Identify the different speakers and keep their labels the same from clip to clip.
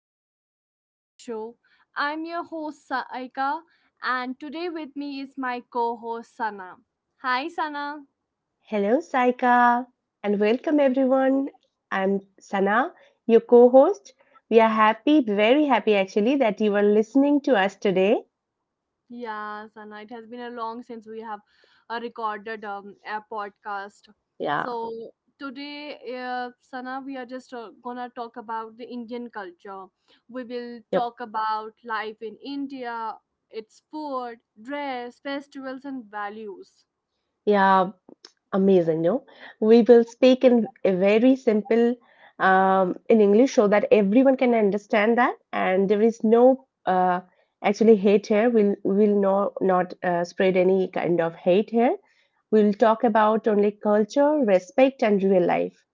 Speaker 1: Imperfect Progress Show. I'm your host, Saika, and today with me is my co host, Sana. Hi, Sana.
Speaker 2: Hello, Saika, and welcome everyone. I'm Sana, your co host. We are happy, very happy actually, that you are listening to us today.
Speaker 1: Yeah, Sana, it has been a long since we have recorded a podcast.
Speaker 2: Yeah,
Speaker 1: So, today, Sana, we are just gonna talk about the Indian culture. We will
Speaker 2: yep,
Speaker 1: talk about life in India, its food, dress, festivals, and values.
Speaker 2: yeah, amazing. No, we will speak in a very simple in English so that everyone can understand that, and there is no actually hate here. We'll no, not spread any kind of hate here. We'll talk about only culture, respect, and real life.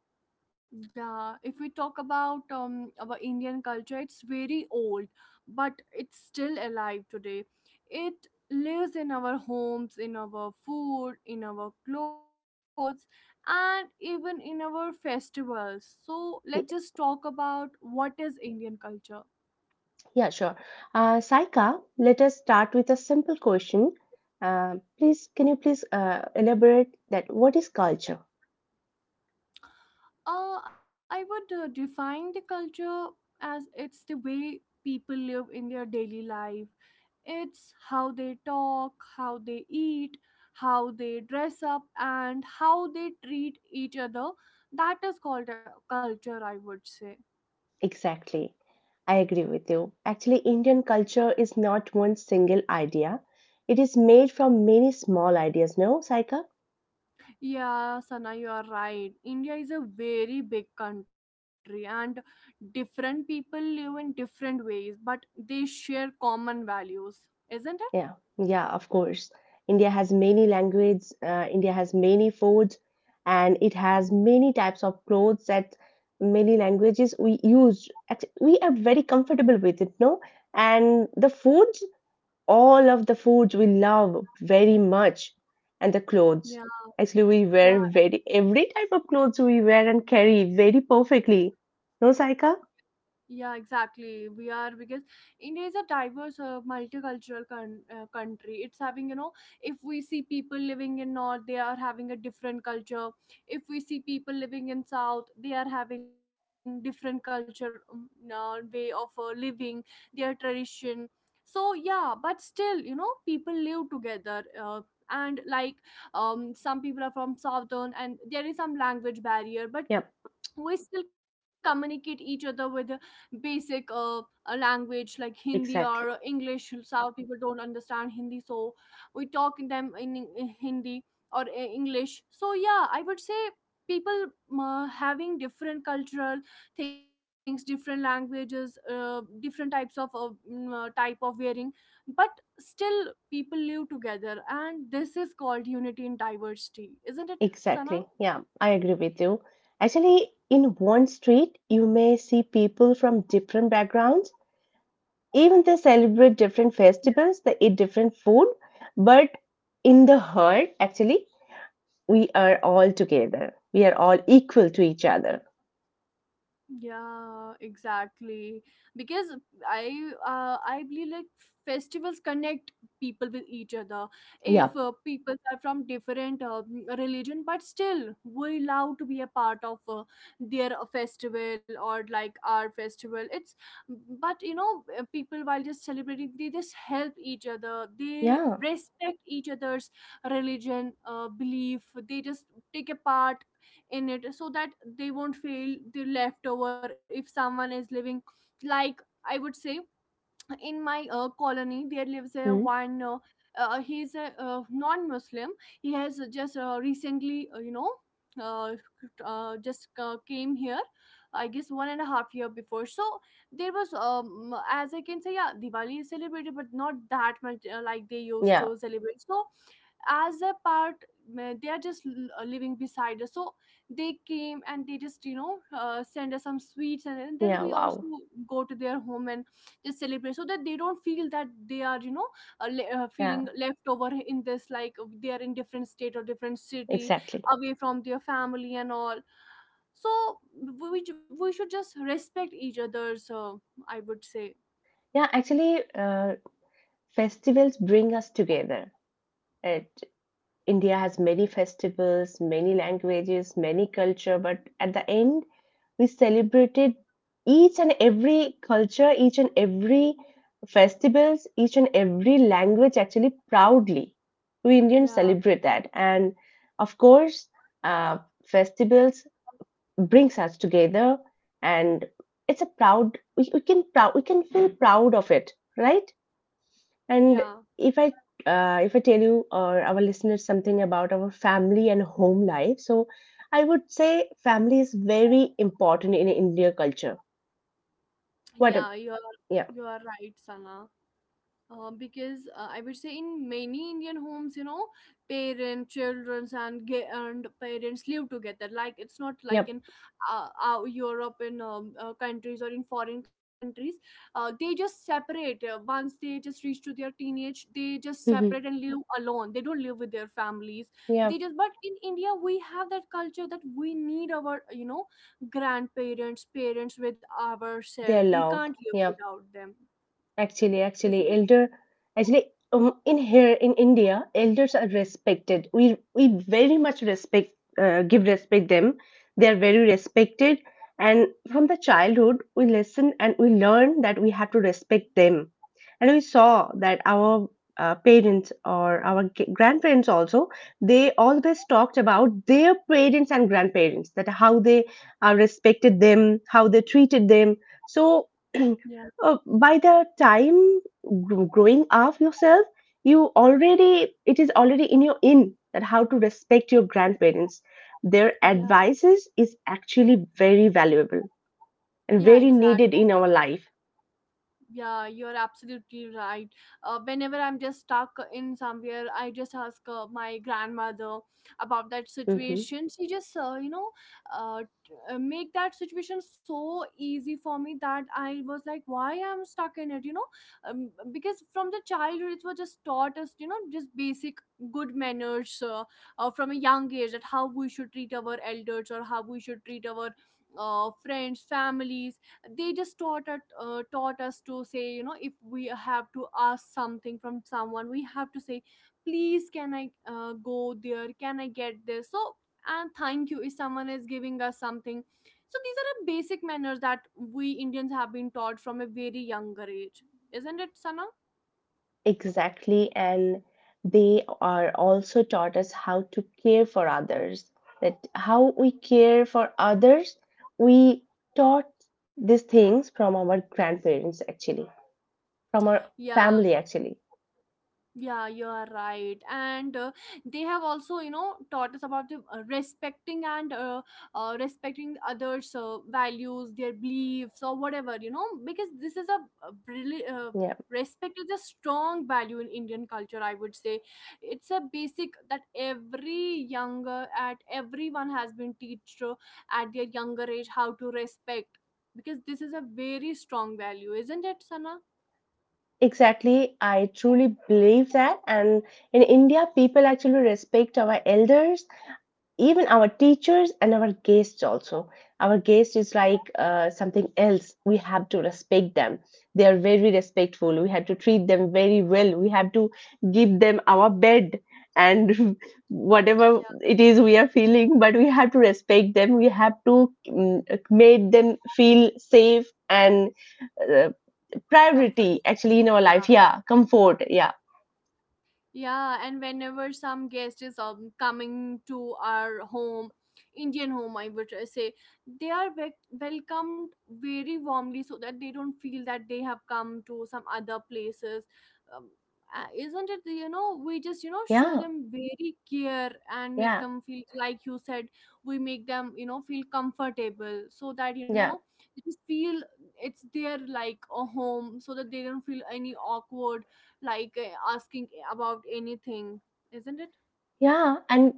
Speaker 1: Yeah, if we talk about our Indian culture, it's very old, but it's still alive today. It lives in our homes, in our food, in our clothes, and even in our festivals. So let's just talk about what is Indian culture.
Speaker 2: Yeah, sure. Saika, let us start with a simple question. Please, can you please elaborate that what is culture
Speaker 1: I would define the culture as it's the way people live in their daily life. It's how they talk, how they eat, how they dress up, and how they treat each other. That is called a culture, I would say.
Speaker 2: exactly? I agree with you. Actually, Indian culture is not one single idea. It is made from many small ideas, no, Saika?
Speaker 1: Yeah, Sana, you are right. India is a very big country, and different people live in different ways, but they share common values, isn't it?
Speaker 2: Yeah, yeah, of course. India has many languages, India has many foods, and it has many types of clothes that many languages we use. Act- We are very comfortable with it, no? And the food, all of the foods we love very much, and the
Speaker 1: Yeah,
Speaker 2: clothes actually we
Speaker 1: yeah.
Speaker 2: wear, very every type of clothes we wear and carry very perfectly, no, Saika?
Speaker 1: Yeah, exactly. We are because India is a diverse, multicultural country. It's having, you know, if we see people living in North, they are having a different culture. If we see people living in South, they are having different culture, way of living, their tradition. So yeah, but still, you know, people live together. And like some people are from southern, and there is some language barrier,
Speaker 2: Yep.
Speaker 1: but we still communicate each other with a basic a language like Hindi
Speaker 2: Exactly.
Speaker 1: or English. South people don't understand Hindi, so we talk in them in Hindi or English. So yeah, I would say people having different cultural things, different languages, different types of type of wearing, but still people live together, and this is called unity in diversity, isn't it, Sana?
Speaker 2: Exactly, yeah, I agree with you. Actually, in one street you may see people from different backgrounds. Even they celebrate different festivals, they eat different food, but in the herd, actually, we are all together. We are all equal to each other.
Speaker 1: Yeah, exactly. Because I believe, like, festivals connect people with each other.
Speaker 2: Yeah.
Speaker 1: If people are from different religion, but still we love to be a part of their festival or like our festival. It's, but, you know, people while just celebrating, they just help each other. They
Speaker 2: Yeah.
Speaker 1: respect each other's religion, belief. They just take a part in it so that they won't feel the leftover if someone is living, like, I would say, in my colony there lives a
Speaker 2: Mm.
Speaker 1: one he's a non-Muslim. He has just recently, you know, uh, just came here, I guess 1.5 year before. So there was as I can say, yeah, Diwali is celebrated, but not that much, like they used
Speaker 2: Yeah,
Speaker 1: to celebrate. So as a part, they are just living beside us, so they came, and they just, you know, send us some sweets, and then
Speaker 2: yeah,
Speaker 1: we also
Speaker 2: wow.
Speaker 1: go to their home and just celebrate so that they don't feel that they are, you know,
Speaker 2: Yeah,
Speaker 1: feeling left over in this, like, they are in different state or different city
Speaker 2: exactly.
Speaker 1: away from their family and all. So we should just respect each other, so I would say.
Speaker 2: Yeah, actually, festivals bring us together. It India has many festivals, many languages, many culture, but at the end, we celebrated each and every culture, each and every festivals, each and every language actually proudly. We Indians
Speaker 1: Yeah,
Speaker 2: celebrate that, and of course, uh, festivals brings us together, and it's a proud. We can proud. We can feel proud of it, right?
Speaker 1: yeah,
Speaker 2: And if I if I tell you or our listeners something about our family and home life, so I would say family is very important in India culture. What? A,
Speaker 1: yeah. you are
Speaker 2: yeah.
Speaker 1: you are right, Sana. Because I would say, in many Indian homes, you know, parents, children, and parents live together. Like, it's not like
Speaker 2: Yep.
Speaker 1: in Europe, in countries or in foreign countries, they just separate. Once they just reach to their teenage, they just
Speaker 2: Mhm.
Speaker 1: separate and live alone. They don't live with their families. They
Speaker 2: Yep.
Speaker 1: just, but in India we have that culture that we need our, you know, grandparents, parents with ourselves.
Speaker 2: Their
Speaker 1: We can't
Speaker 2: love.
Speaker 1: live
Speaker 2: Yep.
Speaker 1: without them,
Speaker 2: Actually,
Speaker 1: isn't
Speaker 2: actually,
Speaker 1: it?
Speaker 2: elder, actually, in here in India, elders are respected. We very much respect, give respect them. They are very respected, and from the childhood, we listen and we learn that we have to respect them. And we saw that our parents or our grandparents also, they always talked about their parents and grandparents, that how they respected them, how they treated them. So.
Speaker 1: Yeah.
Speaker 2: By the time growing up yourself, you already, it is already in your, in that how to respect your grandparents. Their
Speaker 1: Yeah.
Speaker 2: advices is actually very valuable and
Speaker 1: Yeah,
Speaker 2: very
Speaker 1: exact.
Speaker 2: needed in our life.
Speaker 1: Yeah, you're absolutely right. Whenever I'm just stuck in somewhere, I just ask my grandmother about that
Speaker 2: Hmm.
Speaker 1: situation. She just, you know, make that situation so easy for me that I was like, why I'm stuck in it, you know? Because from the childhood, it was just taught us, you know, just basic good manners from a young age, that how we should treat our elders or how we should treat our friends, families. They just taught us to say, you know, if we have to ask something from someone, we have to say please, can I go there, can I get this? So, and thank you if someone is giving us something. So these are the basic manners that we Indians have been taught from a very younger age, isn't it, Sana?
Speaker 2: Exactly. And they are also taught us how to care for others. That how we care for others, we taught these things from our grandparents, actually, from our family, actually.
Speaker 1: Yeah, you are right. And they have also, you know, taught us about the respecting and respecting others' values, their beliefs, or whatever, you know, because this is a really. Respect is a strong value in Indian culture, I would say. It's a basic that every younger, at everyone has been taught at their younger age how to respect, because this is a very strong value, isn't it, Sana?
Speaker 2: Exactly, I truly believe that. And in India, people actually respect our elders, even our teachers, and our guests also. Our guest is like something else. We have to respect them. They are very respectful. We have to treat them very well. We have to give them our bed and whatever
Speaker 1: Yeah,
Speaker 2: it is we are feeling, but we have to respect them. We have to make them feel safe and uh,
Speaker 1: comfort
Speaker 2: priority
Speaker 1: is...
Speaker 2: actually in our
Speaker 1: yeah.
Speaker 2: life. Yeah, comfort. Yeah.
Speaker 1: Yeah, and whenever some guest is coming to our home, Indian home, I would say, they are ve- welcomed very warmly so that they don't feel that they have come to some other places. Um, isn't it, the- you know, we just, you know, show
Speaker 2: Yeah.
Speaker 1: them very care and make
Speaker 2: Yeah.
Speaker 1: them feel, like you said, we make them, you know, feel comfortable so that, you know,
Speaker 2: Yeah.
Speaker 1: they just feel it's their, like, a home, so that they don't feel any awkward, like, asking about anything, isn't it?
Speaker 2: Yeah, and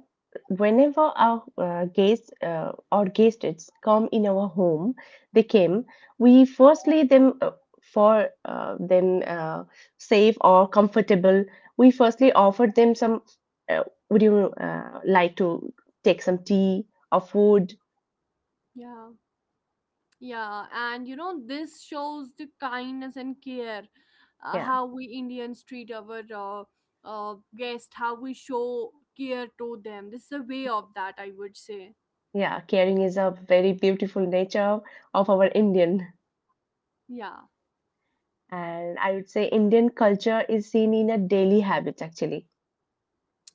Speaker 2: whenever our guests or guests come in our home, they came. We firstly them for them safe or comfortable. We firstly offered them some. Uh, would you like to take some tea or food?
Speaker 1: Yeah, yeah. And you know, this shows the kindness and care,
Speaker 2: Yeah,
Speaker 1: how we Indians treat our guest, how we show care to them. This is a way of that, I would say.
Speaker 2: yeah. Caring is a very beautiful nature of our Indian,
Speaker 1: Yeah.
Speaker 2: and I would say Indian culture is seen in a daily habit actually.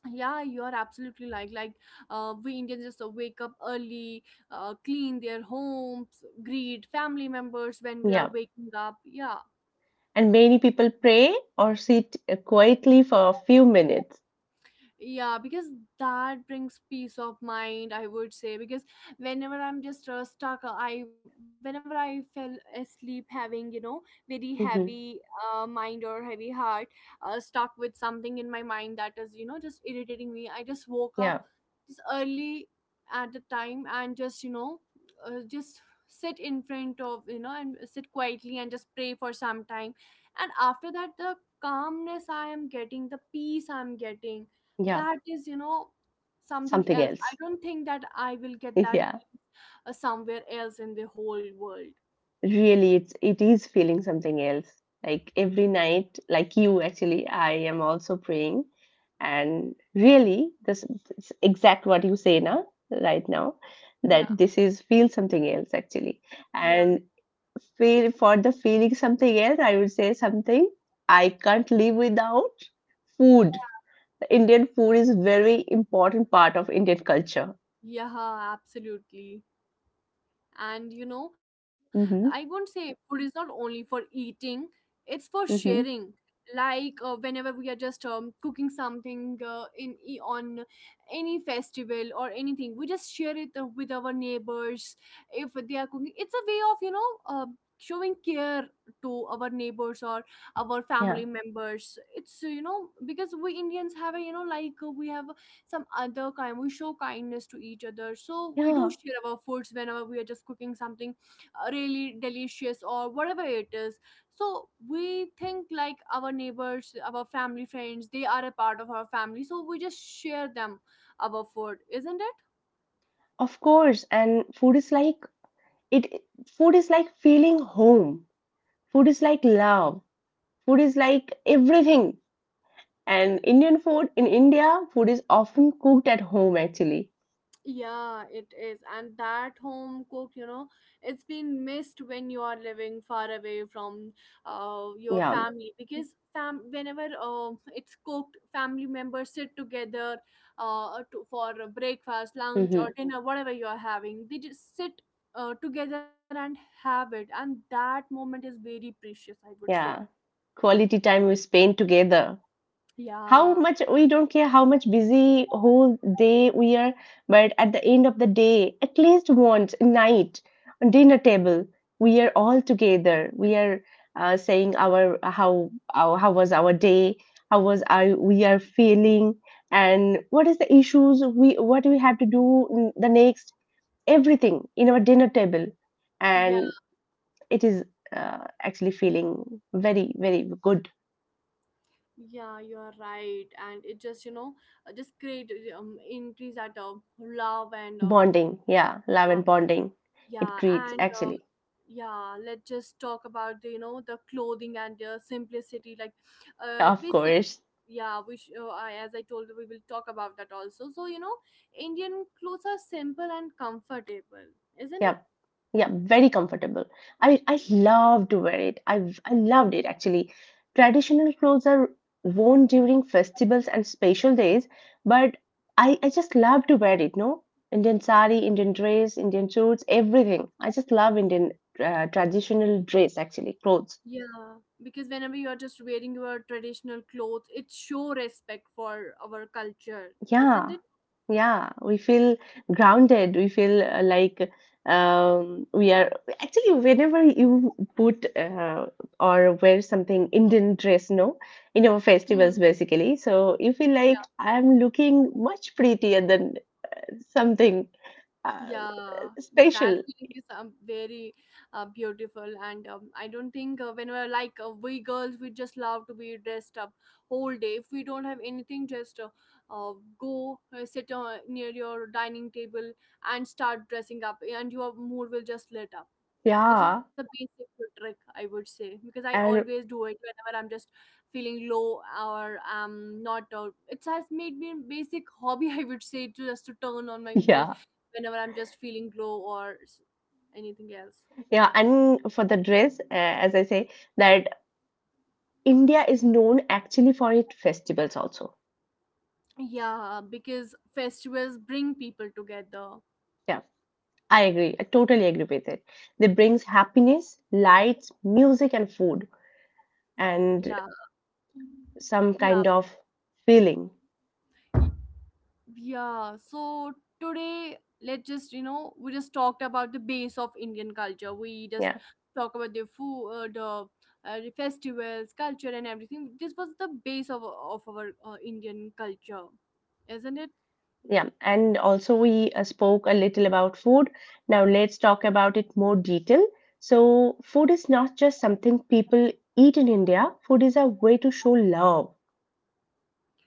Speaker 1: Yeah, you're absolutely, like, we Indians just wake up early, clean their homes, greet family members when we are
Speaker 2: Yeah.
Speaker 1: waking up, yeah.
Speaker 2: And many people pray or sit quietly for a few minutes.
Speaker 1: Yeah, because that brings peace of mind, I would say. Because whenever I'm just stuck, I whenever I fell asleep, having, you know, very
Speaker 2: Hmm.
Speaker 1: heavy mind or heavy heart, stuck with something in my mind that is, you know, just irritating me. I just woke up
Speaker 2: Yeah,
Speaker 1: just early at a time, and just, you know, just sit in front of, you know, and sit quietly and just pray for some time. And after that, the calmness I am getting, the peace I'm getting,
Speaker 2: yeah,
Speaker 1: that is, you know, something
Speaker 2: something
Speaker 1: else.
Speaker 2: else.
Speaker 1: I don't think that I will get that
Speaker 2: Yeah,
Speaker 1: peace somewhere else in the whole world.
Speaker 2: really, it is feeling something else. Like every night, like you actually, I am also praying, and really, this exact what you say now, right now, that
Speaker 1: Yeah,
Speaker 2: this is feel something else actually,
Speaker 1: yeah.
Speaker 2: and feel for the feeling something else. I would say something I can't live without food. Indian food is very important part of Indian culture.
Speaker 1: Yeah, absolutely. And you know, I won't
Speaker 2: Mhm.
Speaker 1: say food is not only for eating, it's for sharing.
Speaker 2: Mhm.
Speaker 1: Like, whenever we are just cooking something in on any festival or anything, we just share it with our neighbors. If they are cooking, it's a way of, you know, showing care to our neighbors or our
Speaker 2: Yeah.
Speaker 1: family members. It's, you know, because we Indians have a, you know, like, we have some other kind, we show kindness to each other, so we do
Speaker 2: Yeah.
Speaker 1: share our foods whenever we are just cooking something really delicious or whatever it is. So we think, like, our neighbors, our family friends, they are a part of our family, so we just share them our food, isn't it?
Speaker 2: Of course. And food is like it, food is like feeling home. Food is like love. Food is like everything. And Indian food in India, food is often cooked at home actually.
Speaker 1: Yeah, it is. And that home cook, you know, it's been missed when you are living far away from your
Speaker 2: Yeah.
Speaker 1: family, because fam whenever it's cooked, family members sit together to, for a breakfast, lunch, or
Speaker 2: Mhm.
Speaker 1: dinner, whatever you are having. They just sit together and have it. And that moment is very precious, I would
Speaker 2: Yeah.
Speaker 1: say.
Speaker 2: Quality time we spend together. How much
Speaker 1: Yeah.
Speaker 2: we don't care how much busy whole day we are, but at the end of the day, at least once a night, on dinner table, we are all together. We are saying our how was our day, how was I we are feeling, and what is the issues we what we have to do in the next, everything in our dinner table.
Speaker 1: Yeah.
Speaker 2: And it is actually feeling very very good.
Speaker 1: Yeah, you are right, and it just, you know, just create increase that love and
Speaker 2: Bonding, yeah, love
Speaker 1: uh,
Speaker 2: and bonding. It
Speaker 1: yeah,
Speaker 2: creates
Speaker 1: and
Speaker 2: actually,
Speaker 1: yeah. Let's just talk about the, you know, the clothing and simplicity, like
Speaker 2: yeah, of
Speaker 1: basic.
Speaker 2: course,
Speaker 1: Yeah, we I, as I told you, we will talk about that also. So you know, Indian clothes are simple and comfortable, isn't
Speaker 2: yeah,
Speaker 1: it?
Speaker 2: yeah, very comfortable. I love to wear it. I loved it actually. Traditional clothes are worn during festivals and special days, but I just love to wear it. No, Indian sari, Indian dress, Indian shorts, everything. I just love Indian traditional dress actually, clothes.
Speaker 1: Yeah, because whenever you are just wearing your traditional clothes, it show respect for our culture, isn't
Speaker 2: Yeah.
Speaker 1: it?
Speaker 2: Yeah, we feel grounded. We feel like we are actually whenever you put or wear something Indian dress, no, in our
Speaker 1: Hmm.
Speaker 2: festivals basically. So you feel
Speaker 1: Yeah,
Speaker 2: like I'm looking much prettier than something uh,
Speaker 1: yeah, that
Speaker 2: special.
Speaker 1: feeling is very beautiful, and I don't think when we're like we girls, we just love to be dressed up whole day. If we don't have anything, just uh, go sit near your dining table, and start dressing up, and your mood will just lit up. It's a
Speaker 2: Yeah,
Speaker 1: basic trick, I would say, because I always
Speaker 2: and
Speaker 1: do it whenever I'm just feeling low or I'm not. It has made me a basic hobby, I would say, to just to turn on my mood
Speaker 2: yeah,
Speaker 1: whenever I'm just feeling low or anything else.
Speaker 2: yeah, and for the dress, as I say, that India is known actually for its festivals also.
Speaker 1: Yeah, because festivals bring people together.
Speaker 2: Yeah. I agree. I totally agree with it. They brings happiness, lights, music, and food,
Speaker 1: Yeah,
Speaker 2: and some
Speaker 1: yeah.
Speaker 2: kind of feeling.
Speaker 1: Yeah, so today let's just we just talked about the base of Indian culture. We just
Speaker 2: Yeah,
Speaker 1: talk about the food, the festivals, culture, and everything. This was the base of our Indian culture, isn't it?
Speaker 2: yeah. And also, we spoke a little about food. Now let's talk about it more detail. So, food is not just something people eat in India. Food is a way to show love.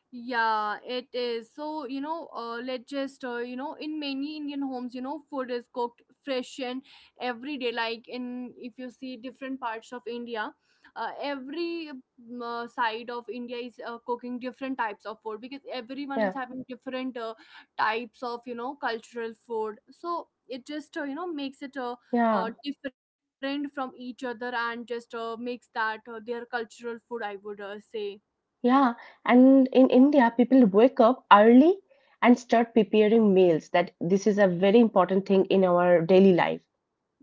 Speaker 1: Yeah, it is. So, let's just, in many Indian homes, you know, food is cooked fresh and every day. If you see different parts of India, every side of India is cooking different types of food because everyone is
Speaker 2: Yeah,
Speaker 1: having different types of, you know, cultural food. So it just, you know, makes it
Speaker 2: yeah,
Speaker 1: different from each other and just makes that their cultural food, I would say.
Speaker 2: yeah. And in India, people wake up early and start preparing meals. That this is a very important thing in our daily life.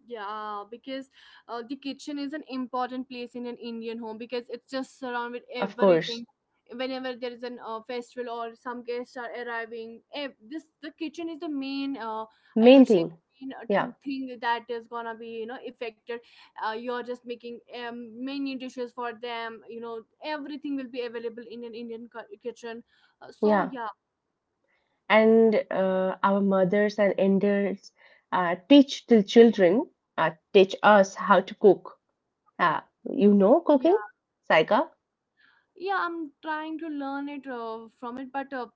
Speaker 1: Yeah, because the kitchen is an important place in an Indian home because it's just surrounded with
Speaker 2: Of course,
Speaker 1: everything. Whenever there is an festival or some guests are arriving, this the kitchen is the main. I
Speaker 2: main
Speaker 1: would say
Speaker 2: thing.
Speaker 1: main
Speaker 2: Yeah,
Speaker 1: thing that is gonna be, you know, affected. You're just making many dishes for them. You know everything will be available in an Indian kitchen. So
Speaker 2: yeah.
Speaker 1: yeah,
Speaker 2: And our mothers and elders teach the children, teach us how to cook. Uh, you know
Speaker 1: yeah,
Speaker 2: cooking, Saika?
Speaker 1: yeah. I'm trying to learn it from it, but. Uh,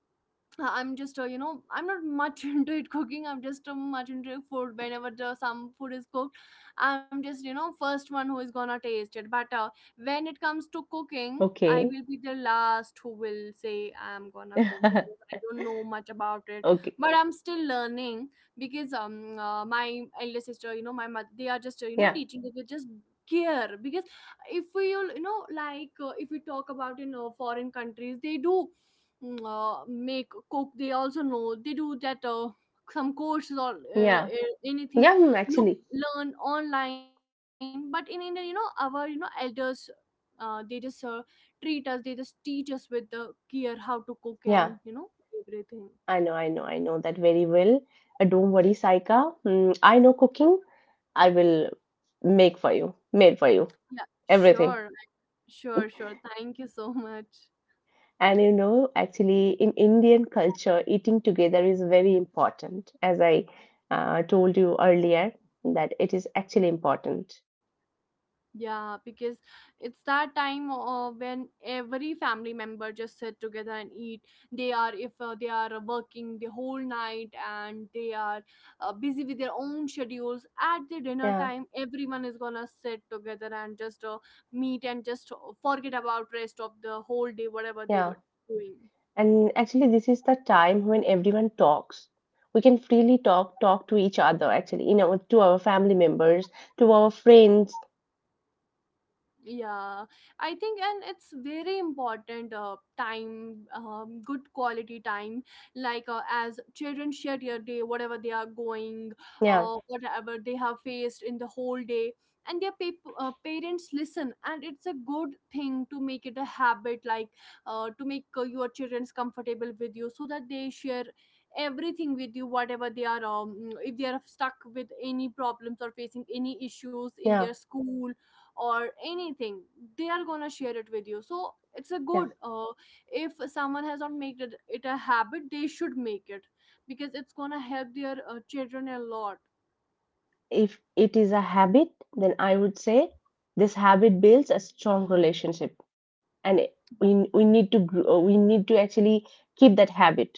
Speaker 1: uh, I'm just, I'm not much into it cooking. I'm just much into food. Some food is cooked, I'm just, you know, first one who is gonna taste it. But When it comes to cooking, I
Speaker 2: Okay.
Speaker 1: will be the last who will say I'm gonna cook because I don't know much about it.
Speaker 2: Okay.
Speaker 1: But I'm still learning because my elder sister, you know, my mother, they are just,
Speaker 2: Yeah,
Speaker 1: teaching. They will just care because if we, all, you know, if we talk about in foreign countries, they do make cook. They also know they do that some courses or
Speaker 2: yeah.
Speaker 1: anything,
Speaker 2: Yeah, mm,
Speaker 1: look
Speaker 2: actually.
Speaker 1: learn online. But in India, you know, our, you know, elders, they just treat us, they just teach us with the care how to cook
Speaker 2: Yeah,
Speaker 1: and, you know, everything.
Speaker 2: I know, I know, I know that very well. Don't worry, Saika. Mm, I know cooking. I will make for you, made for you,
Speaker 1: Yeah,
Speaker 2: everything.
Speaker 1: sure. Sure, sure, thank you so much.
Speaker 2: And you know, actually, in Indian culture, eating together is very important, as I told you earlier, that it is actually important.
Speaker 1: Yeah, because it's that time when every family member just sit together and eat. They are, if they are working the whole night and they are busy with their own schedules, at the dinner
Speaker 2: Yeah,
Speaker 1: time, everyone is gonna sit together and just meet and just forget about rest of the whole day, whatever they
Speaker 2: yeah.
Speaker 1: were doing.
Speaker 2: And actually, this is the time when everyone talks. We can freely talk, talk to each other, actually, you know, to our family members, to our friends.
Speaker 1: Yeah, I think, and it's very important time, good quality time, as children share their day whatever they are going,
Speaker 2: Yeah,
Speaker 1: whatever they have faced in the whole day, and their parents listen. And it's a good thing to make it a habit, like to make your children's comfortable with you so that they share everything with you, whatever they are, if they are stuck with any problems or facing any issues in
Speaker 2: yeah,
Speaker 1: their school or anything, they are gonna share it with you. So it's a
Speaker 2: yeah.
Speaker 1: good, if someone has not made it, it a habit, they should make it because it's gonna help their children a lot.
Speaker 2: If it is a habit, then I would say this habit builds a strong relationship. And it- we need to grow, we need to actually keep that habit.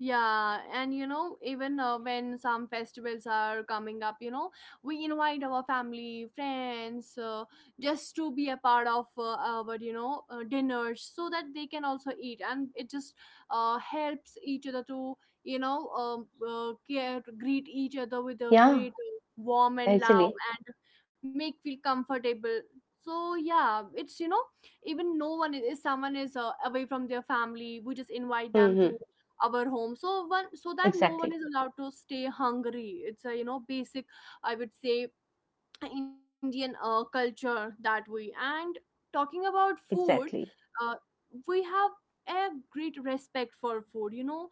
Speaker 1: Yeah, and you know, even when some festivals are coming up, you know, we invite our family, friends, just to be a part of our, dinners so that they can also eat. And it just helps each other to, care, greet each other with a
Speaker 2: Yeah,
Speaker 1: great warm and love
Speaker 2: actually.
Speaker 1: and make feel comfortable. So yeah, it's, you know, even no one is, if someone is away from their family, we just invite them to
Speaker 2: Hmm.
Speaker 1: our home, so one, so that no one
Speaker 2: Exactly.
Speaker 1: is allowed to stay hungry. It's a, you know, basic, I would say, Indian culture that way. And talking about food,
Speaker 2: Exactly.
Speaker 1: uh, we have a great respect for food, you know.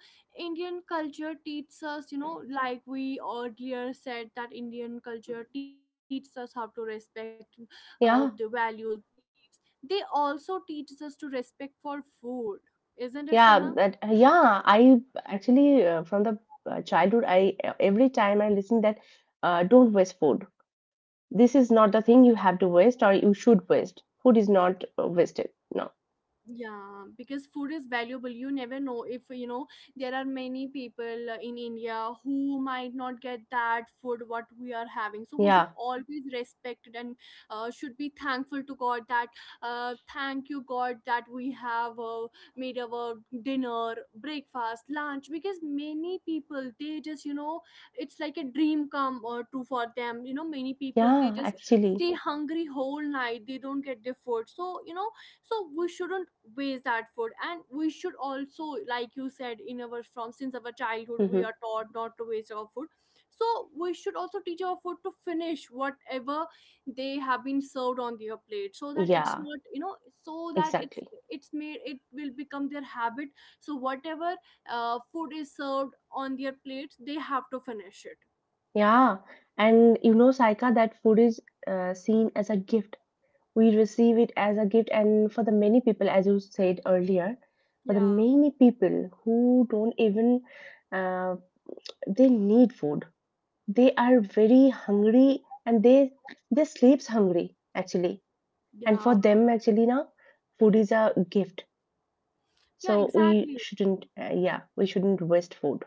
Speaker 1: Indian culture teaches us, you know, like we earlier said that Indian culture teaches us how to respect the
Speaker 2: Yeah.
Speaker 1: values, beliefs. They also teaches us to respect for food, isn't it, Sana?
Speaker 2: Yeah but, yeah, I actually from the childhood I every time I listen that don't waste food. This is not the thing you have to waste or you should waste. Food is not wasted, no.
Speaker 1: Yeah, because food is valuable. You never know, if you know, there are many people in India who might not get that food what we are having. So we should
Speaker 2: Yeah.
Speaker 1: always respect it. And should be thankful to God that, thank you God that we have, made our dinner, breakfast, lunch. Because many people, they just, you know, it's like a dream come true for them, you know. Many people, they
Speaker 2: Yeah,
Speaker 1: just
Speaker 2: actually.
Speaker 1: stay hungry whole night, they don't get their food. So, you know, so we shouldn't waste that food. And we should also, like you said, in our, from since our childhood, we
Speaker 2: Hmm.
Speaker 1: are taught not to waste our food. So we should also teach our food to finish whatever they have been served on their plate, so that it's
Speaker 2: Yeah,
Speaker 1: not, you know, so that it's
Speaker 2: exactly.
Speaker 1: it's made, it will become their habit. So whatever food is served on their plates, they have to finish it.
Speaker 2: Yeah, and you know, Saika, that food is seen as a gift. We receive it as a gift, and for the many people, as you said earlier, for the
Speaker 1: Yeah,
Speaker 2: many people who don't even uh, they need food, they are very hungry, and they sleeps hungry actually. And for
Speaker 1: yeah,
Speaker 2: them actually now, food is a gift,
Speaker 1: yeah,
Speaker 2: so we
Speaker 1: exactly.
Speaker 2: shouldn't yeah, we shouldn't waste food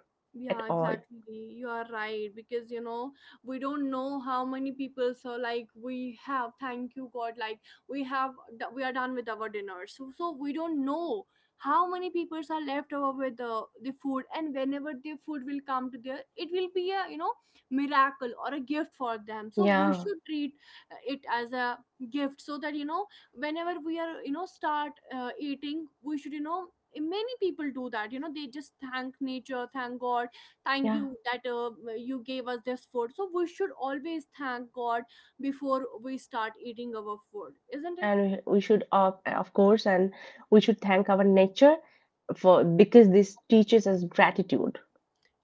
Speaker 2: at
Speaker 1: Yeah,
Speaker 2: all.
Speaker 1: exactly. You are right, because, you know, we don't know how many people. So like we have, thank you God, like we have, we are done with our dinner. So, so we don't know how many people are left over with the food. And whenever the food will come to there, it will be a, you know, miracle or a gift for them. So we
Speaker 2: Yeah.
Speaker 1: should treat it as a gift so that, you know, whenever we are, you know, start eating, we should, you know, many people do that, you know, they just thank nature, thank God, thank
Speaker 2: Yeah,
Speaker 1: you that, you gave us this food. So we should always thank God before we start eating our food, isn't it?
Speaker 2: and we should, of course, and we should thank our nature, for because this teaches us gratitude.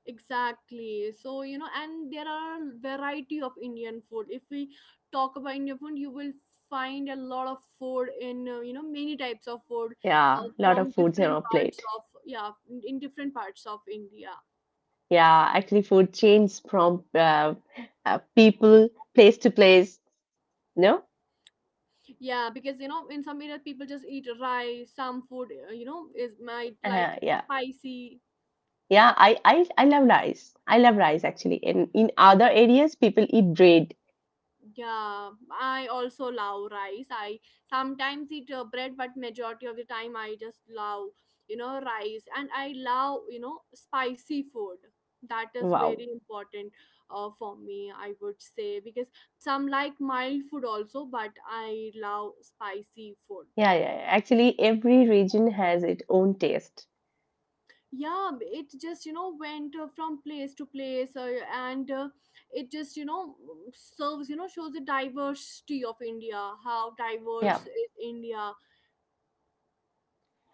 Speaker 1: Exactly. So, you know, and there are a variety of Indian food. If we talk about Indian food, you will find a lot of food in, you know, many types of food,
Speaker 2: Yeah, lot of
Speaker 1: from
Speaker 2: foods in
Speaker 1: different
Speaker 2: our
Speaker 1: parts
Speaker 2: plate.
Speaker 1: of, yeah, in different parts of India.
Speaker 2: Yeah, actually, food changes from people, place to place. No,
Speaker 1: Yeah, because you know, in some areas people just eat rice. Some food, you know, is might like
Speaker 2: yeah,
Speaker 1: spicy.
Speaker 2: yeah. I love rice. I love rice actually. In other areas, people eat bread.
Speaker 1: Yeah, I also love rice. I sometimes eat bread, but majority of the time I just love, you know, rice. And I love, you know, spicy food. That is
Speaker 2: Wow.
Speaker 1: very important for me, I would say, because some like mild food also, but I love spicy food.
Speaker 2: Yeah, yeah, yeah. Actually, every region has its own taste.
Speaker 1: Yeah, it just, you know, went from place to place, and it just, you know, serves, you know, shows the diversity of India, how
Speaker 2: Yeah,
Speaker 1: diverse is India.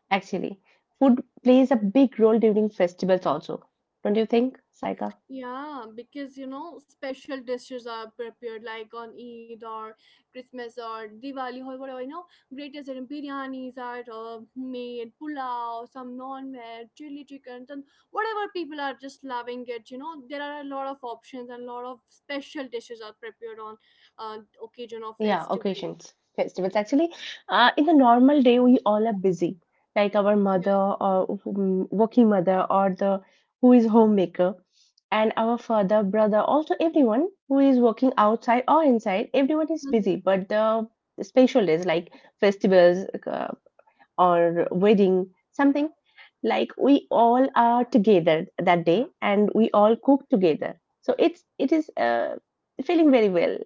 Speaker 2: actually, food plays a big role during festivals also. Don't you think, Saika?
Speaker 1: Yeah, because you know, special dishes are prepared like on Eid or Christmas or Diwali or whatever. You know, great as in biryanis are made, pulao, some non-veg, chili chickens, and whatever people are just loving it. You know, there are a lot of options and a lot of special dishes are prepared on uh, occasion of
Speaker 2: Yeah,
Speaker 1: festival.
Speaker 2: occasions, festivals. Actually, in the normal day, we all are busy, like our
Speaker 1: Yeah.
Speaker 2: mother or whom- working mother or the who is homemaker, and our father, brother, also everyone who is working outside or inside, everyone is
Speaker 1: Mm-hmm.
Speaker 2: busy. But the special days like festivals, or wedding, something like we all are together that day and we all cook together. So it is feeling very well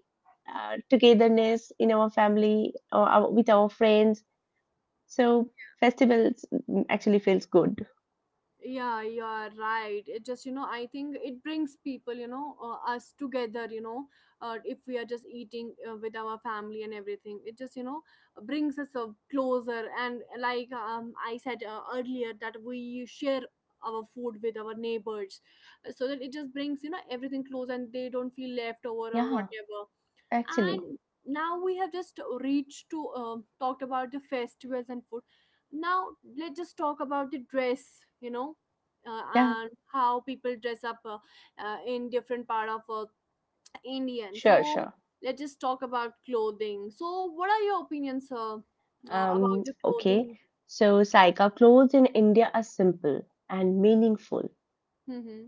Speaker 2: togetherness in our family or our, with our friends. So festivals, mm, actually feels good.
Speaker 1: Yeah, you are right. It just, you know, I think it brings people, you know, us together, you know, if we are just eating with our family and everything, it just, you know, brings us closer. And like, I said earlier that we share our food with our neighbors so that it just brings, you know, everything close and they don't feel left over or
Speaker 2: Yeah,
Speaker 1: whatever.
Speaker 2: actually,
Speaker 1: And now we have just reached to, talked about the festivals and food. Now let's just talk about the dress, you know,
Speaker 2: yeah,
Speaker 1: and how people dress up, in different part of Indian.
Speaker 2: sure,
Speaker 1: So
Speaker 2: sure.
Speaker 1: let's just talk about clothing. So what are your opinions about the
Speaker 2: Okay.
Speaker 1: clothing?
Speaker 2: So Saika, clothes in India are simple and meaningful.
Speaker 1: Hmm.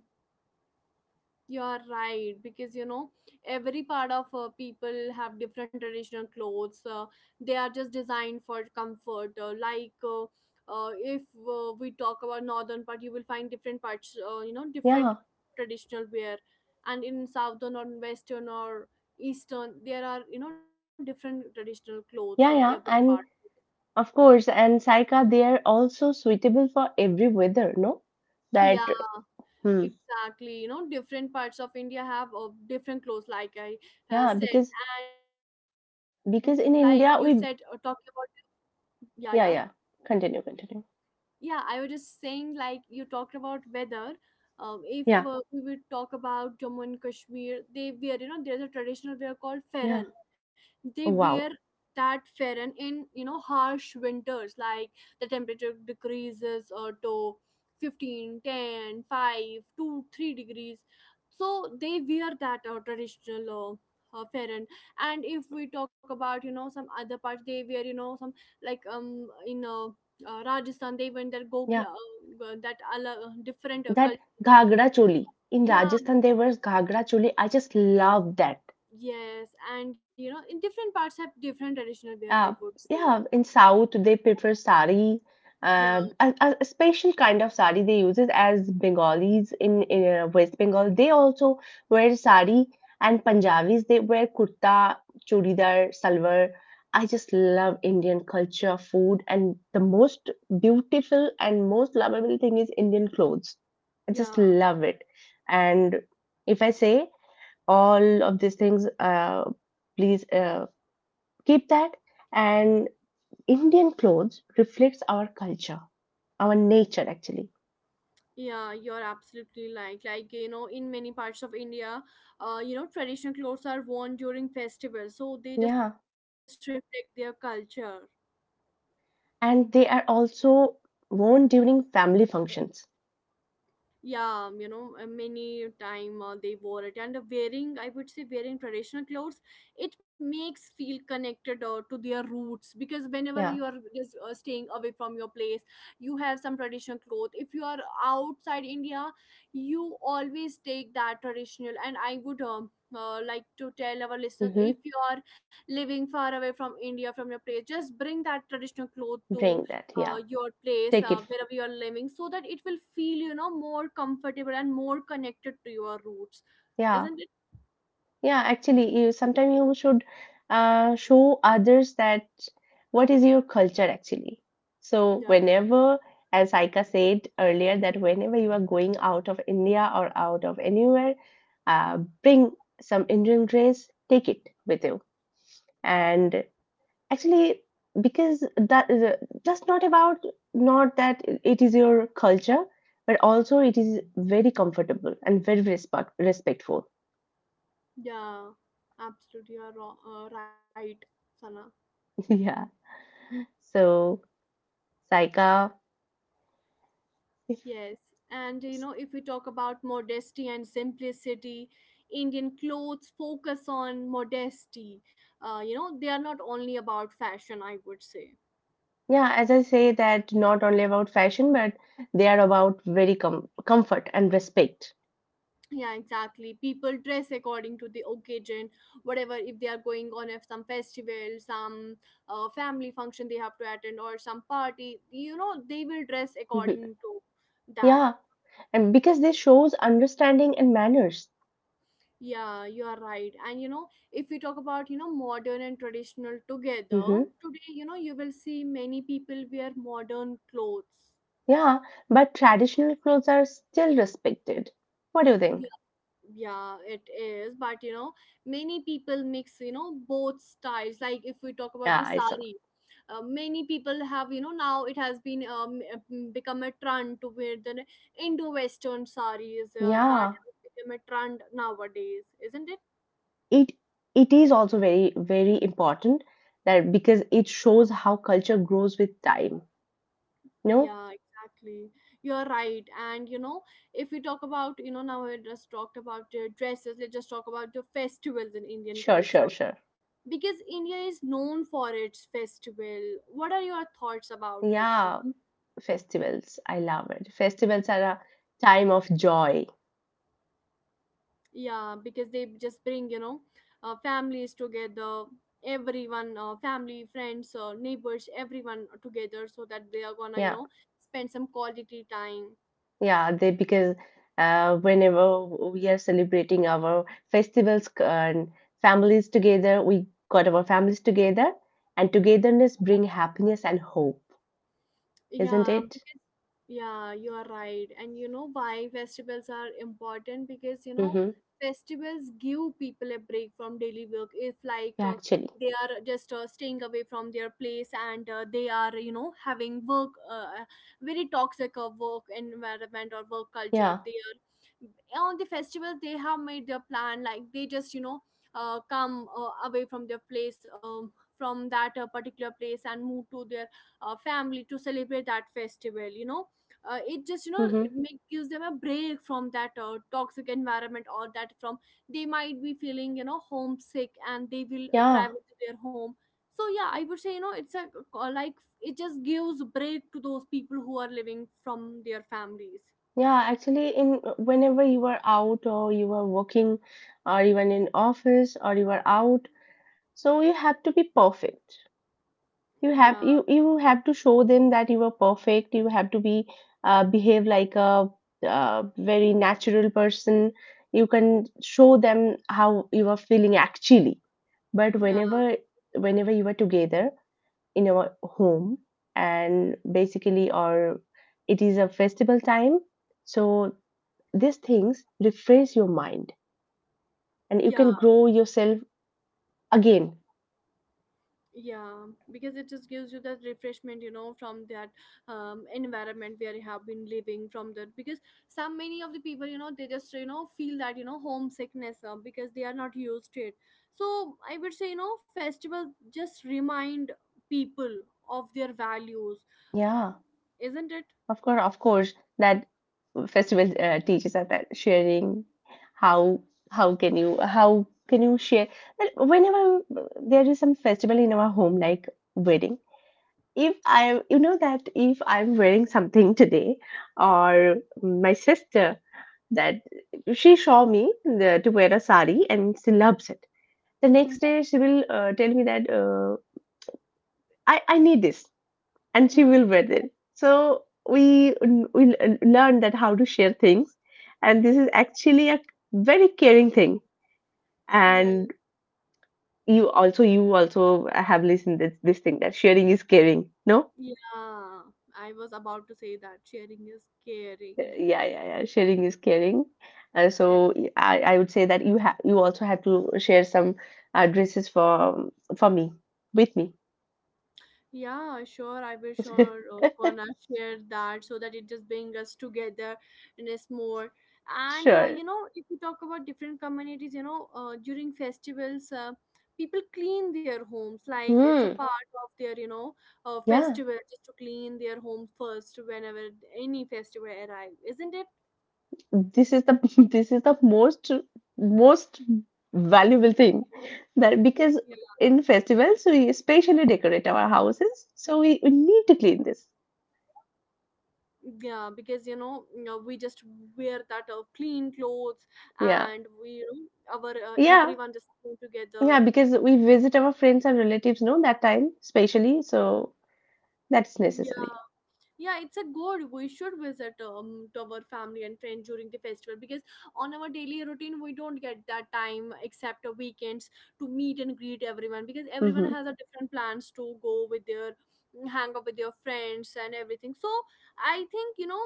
Speaker 1: You are right because you know every part of people have different traditional clothes. They are just designed for comfort. If we talk about northern part, you will find different parts. You know different
Speaker 2: Yeah,
Speaker 1: traditional wear, and in southern or western or eastern, there are, you know, different traditional clothes for
Speaker 2: yeah,
Speaker 1: every
Speaker 2: yeah.
Speaker 1: part.
Speaker 2: And of course, and Saika, they are also suitable for every weather, no?
Speaker 1: Yeah,
Speaker 2: That. Hmm.
Speaker 1: exactly. You know, different parts of India have different clothes, like I
Speaker 2: Yeah,
Speaker 1: said,
Speaker 2: because
Speaker 1: and like you said,
Speaker 2: because
Speaker 1: talking
Speaker 2: in
Speaker 1: about,
Speaker 2: India we,
Speaker 1: yeah, yeah.
Speaker 2: yeah, yeah. Continue, continue.
Speaker 1: Yeah, I was just saying, like, you talked about weather. If
Speaker 2: Yeah,
Speaker 1: we would talk about Jammu and Kashmir, they wear, you know, there's a traditional wear called
Speaker 2: yeah.
Speaker 1: Feran. They
Speaker 2: Oh,
Speaker 1: wear
Speaker 2: wow.
Speaker 1: that Feran in, you know, harsh winters, like the temperature decreases to 15, 10, 5, 2, 3 degrees. So they wear that traditional Feran. And if we talk about, you know, some other parts, they wear, you know, some like in Rajasthan, they went there,
Speaker 2: Yeah,
Speaker 1: Gogla, that ala, different
Speaker 2: that
Speaker 1: culture.
Speaker 2: Ghagra choli. In
Speaker 1: Yeah,
Speaker 2: Rajasthan there
Speaker 1: it-
Speaker 2: was Ghagra choli. I just love that.
Speaker 1: yes, and you know, in different parts have different traditional wear, I
Speaker 2: Yeah,
Speaker 1: would say.
Speaker 2: yeah. In South, they prefer sari,
Speaker 1: Yeah,
Speaker 2: a special kind of sari they use it as Bengalis in West Bengal. They also wear sari, and Punjabis they wear kurta, churidar, salwar. I just love Indian culture, food, and the most beautiful and most lovable thing is Indian clothes. I
Speaker 1: yeah,
Speaker 2: just love it. And if I say all of these things, please keep that, and Indian clothes reflects our culture, our nature actually.
Speaker 1: yeah. You're absolutely like you know, in many parts of India, you know, traditional clothes are worn during festivals, so they just
Speaker 2: Yeah.
Speaker 1: reflect their culture.
Speaker 2: And they are also worn during family functions.
Speaker 1: Yeah, you know, many time they wore it, and wearing, I would say wearing traditional clothes, it makes feel connected to their roots, because whenever
Speaker 2: Yeah.
Speaker 1: you are just staying away from your place, you have some traditional clothes. If you are outside India, you always take that traditional, and I would like to tell our listeners,
Speaker 2: Mm-hmm.
Speaker 1: if you are living far away from India, from your place, just bring that traditional cloth to
Speaker 2: Bring that. Yeah.
Speaker 1: your place,
Speaker 2: Take it.
Speaker 1: wherever you are living, so that it will feel, you know, more comfortable and more connected to your roots,
Speaker 2: Yeah,
Speaker 1: isn't it?
Speaker 2: yeah, actually. You sometimes you should show others that what is your culture actually. So
Speaker 1: Yeah,
Speaker 2: whenever, as Aika said earlier, that whenever you are going out of India or out of anywhere, uh, bring some Indian dress, take it with you. And actually, because just not about, not that it is your culture, but also it is very comfortable and very respectful.
Speaker 1: yeah, absolutely. You are wrong, right, Sana?
Speaker 2: Yeah. So, Saika.
Speaker 1: Yes, and you know, if we talk about modesty and simplicity, Indian clothes focus on modesty. You know, they are not only about fashion, I would say.
Speaker 2: Yeah, as I say, that not only about fashion, but they are about very comfort and respect.
Speaker 1: Yeah, exactly, people dress according to the occasion. Whatever, if they are going on, if some festival, some family function they have to attend, or some party, you know, they will dress
Speaker 2: Mhm.
Speaker 1: according to that.
Speaker 2: Yeah, and because this shows understanding and manners.
Speaker 1: Yeah, you are right. And you know, if we talk about, you know, modern and traditional together,
Speaker 2: Hmm.
Speaker 1: today, you know, you will see many people wear modern clothes.
Speaker 2: Yeah, but traditional clothes are still respected. What do you think?
Speaker 1: Yeah, it is, but you know, many people mix, you know, both styles. Like if we talk about
Speaker 2: Yeah,
Speaker 1: the
Speaker 2: I saw.
Speaker 1: sari, many people have, you know, now it has been become a trend to wear the indo western saris. That
Speaker 2: Yeah,
Speaker 1: has become a trend nowadays, isn't it?
Speaker 2: it is also very very important, that because it shows how culture grows with time. No.
Speaker 1: Yeah, exactly, you're right. And you know, if we talk about, you know, now we just talked about dresses, let's just talk about the festivals in Indian
Speaker 2: Sure, sure,
Speaker 1: culture,
Speaker 2: sure.
Speaker 1: because India is known for its festival. What are your thoughts about it, Sam?
Speaker 2: Yeah, festivals. I love it. Festivals are a time of joy.
Speaker 1: Yeah, because they just bring, you know, families together, everyone, family, friends, neighbors, everyone together, so that they are gonna, you
Speaker 2: Yeah,
Speaker 1: know, spend some quality time.
Speaker 2: yeah. They because whenever we are celebrating our festivals and families together, we got our families together, and togetherness bring happiness and hope, isn't
Speaker 1: Yeah,
Speaker 2: it?
Speaker 1: because yeah, you are right. And you know why festivals are important? Because, you know,
Speaker 2: Mm-hmm.
Speaker 1: festivals give people a break from daily work. If like
Speaker 2: Yeah, actually.
Speaker 1: they are just staying away from their place, and they are, you know, having work, very toxic work environment or work culture,
Speaker 2: Yeah.
Speaker 1: they are on the festivals they have made their plan. Like they just, you know, come away from their place, from that particular place, and move to their family to celebrate that festival. You know, it just, you know,
Speaker 2: Mm-hmm.
Speaker 1: gives them a break from that toxic environment, or that from they might be feeling, you know, homesick, and they will
Speaker 2: Yeah,
Speaker 1: travel to their home. So yeah, I would say, you know, it's a like it just gives break to those people who are living from their families.
Speaker 2: yeah. Actually, in whenever you are out or you are working, or even in office or you are out, so you have to be perfect. You have
Speaker 1: Yeah,
Speaker 2: you you have to show them that you are perfect. You have to be behave like a very natural person. You can show them how you are feeling actually. But
Speaker 1: yeah,
Speaker 2: whenever you are together in our home, and basically, or it is a festival time, so these things refresh your mind, and you
Speaker 1: yeah,
Speaker 2: can grow yourself again.
Speaker 1: yeah. Because it just gives you that refreshment, you know, from that environment where you have been living from that, because some many of the people, you know, they just, you know, feel that, you know, homesickness because they are not used to it. So I would say, you know, festival just remind people of their values,
Speaker 2: Yeah,
Speaker 1: isn't it?
Speaker 2: of course, of course, that festival teaches us that sharing, how how can you share, that whenever there is some festival in our home, like wedding. If I, that if I'm wearing something today, or my sister, that she saw me to wear a sari and she loves it. The next day, she will tell me that, I need this, and she
Speaker 1: Mm-hmm.
Speaker 2: will wear it. So we learn that how to share things, and this is actually a very caring thing.
Speaker 1: Yeah,
Speaker 2: And you also have listened this thing, that sharing is caring. No.
Speaker 1: yeah, I was about to say that sharing is caring.
Speaker 2: Yeah, yeah, yeah. Sharing is caring. So I would say that you also have to share some addresses for me with me.
Speaker 1: Yeah, sure, I will sure gonna share that so that it just bring us together, and it's more. And
Speaker 2: Sure.
Speaker 1: you know, if you talk about different communities, you know, during festivals, people clean their homes, like it's a
Speaker 2: Hmm.
Speaker 1: part of their, you know,
Speaker 2: Yeah.
Speaker 1: festival just to clean their home first whenever any festival arrive, isn't it?
Speaker 2: This is the this is the most valuable thing, that because
Speaker 1: Yeah.
Speaker 2: in festivals we especially decorate our houses, so we need to clean this.
Speaker 1: Yeah, because you know, we just wear that clean clothes, and
Speaker 2: Yeah.
Speaker 1: we, you know, our
Speaker 2: Yeah.
Speaker 1: everyone just came together.
Speaker 2: Yeah, because we visit our friends and relatives, no, that time, especially, so that's
Speaker 1: Yeah,
Speaker 2: necessary.
Speaker 1: yeah, it's a good. We should visit to our family and friends during the festival, because on our daily routine we don't get that time except the weekends to meet and greet everyone, because everyone
Speaker 2: Mm-hmm,
Speaker 1: has a different plans to go with their hang out with their friends and everything. So I think, you know,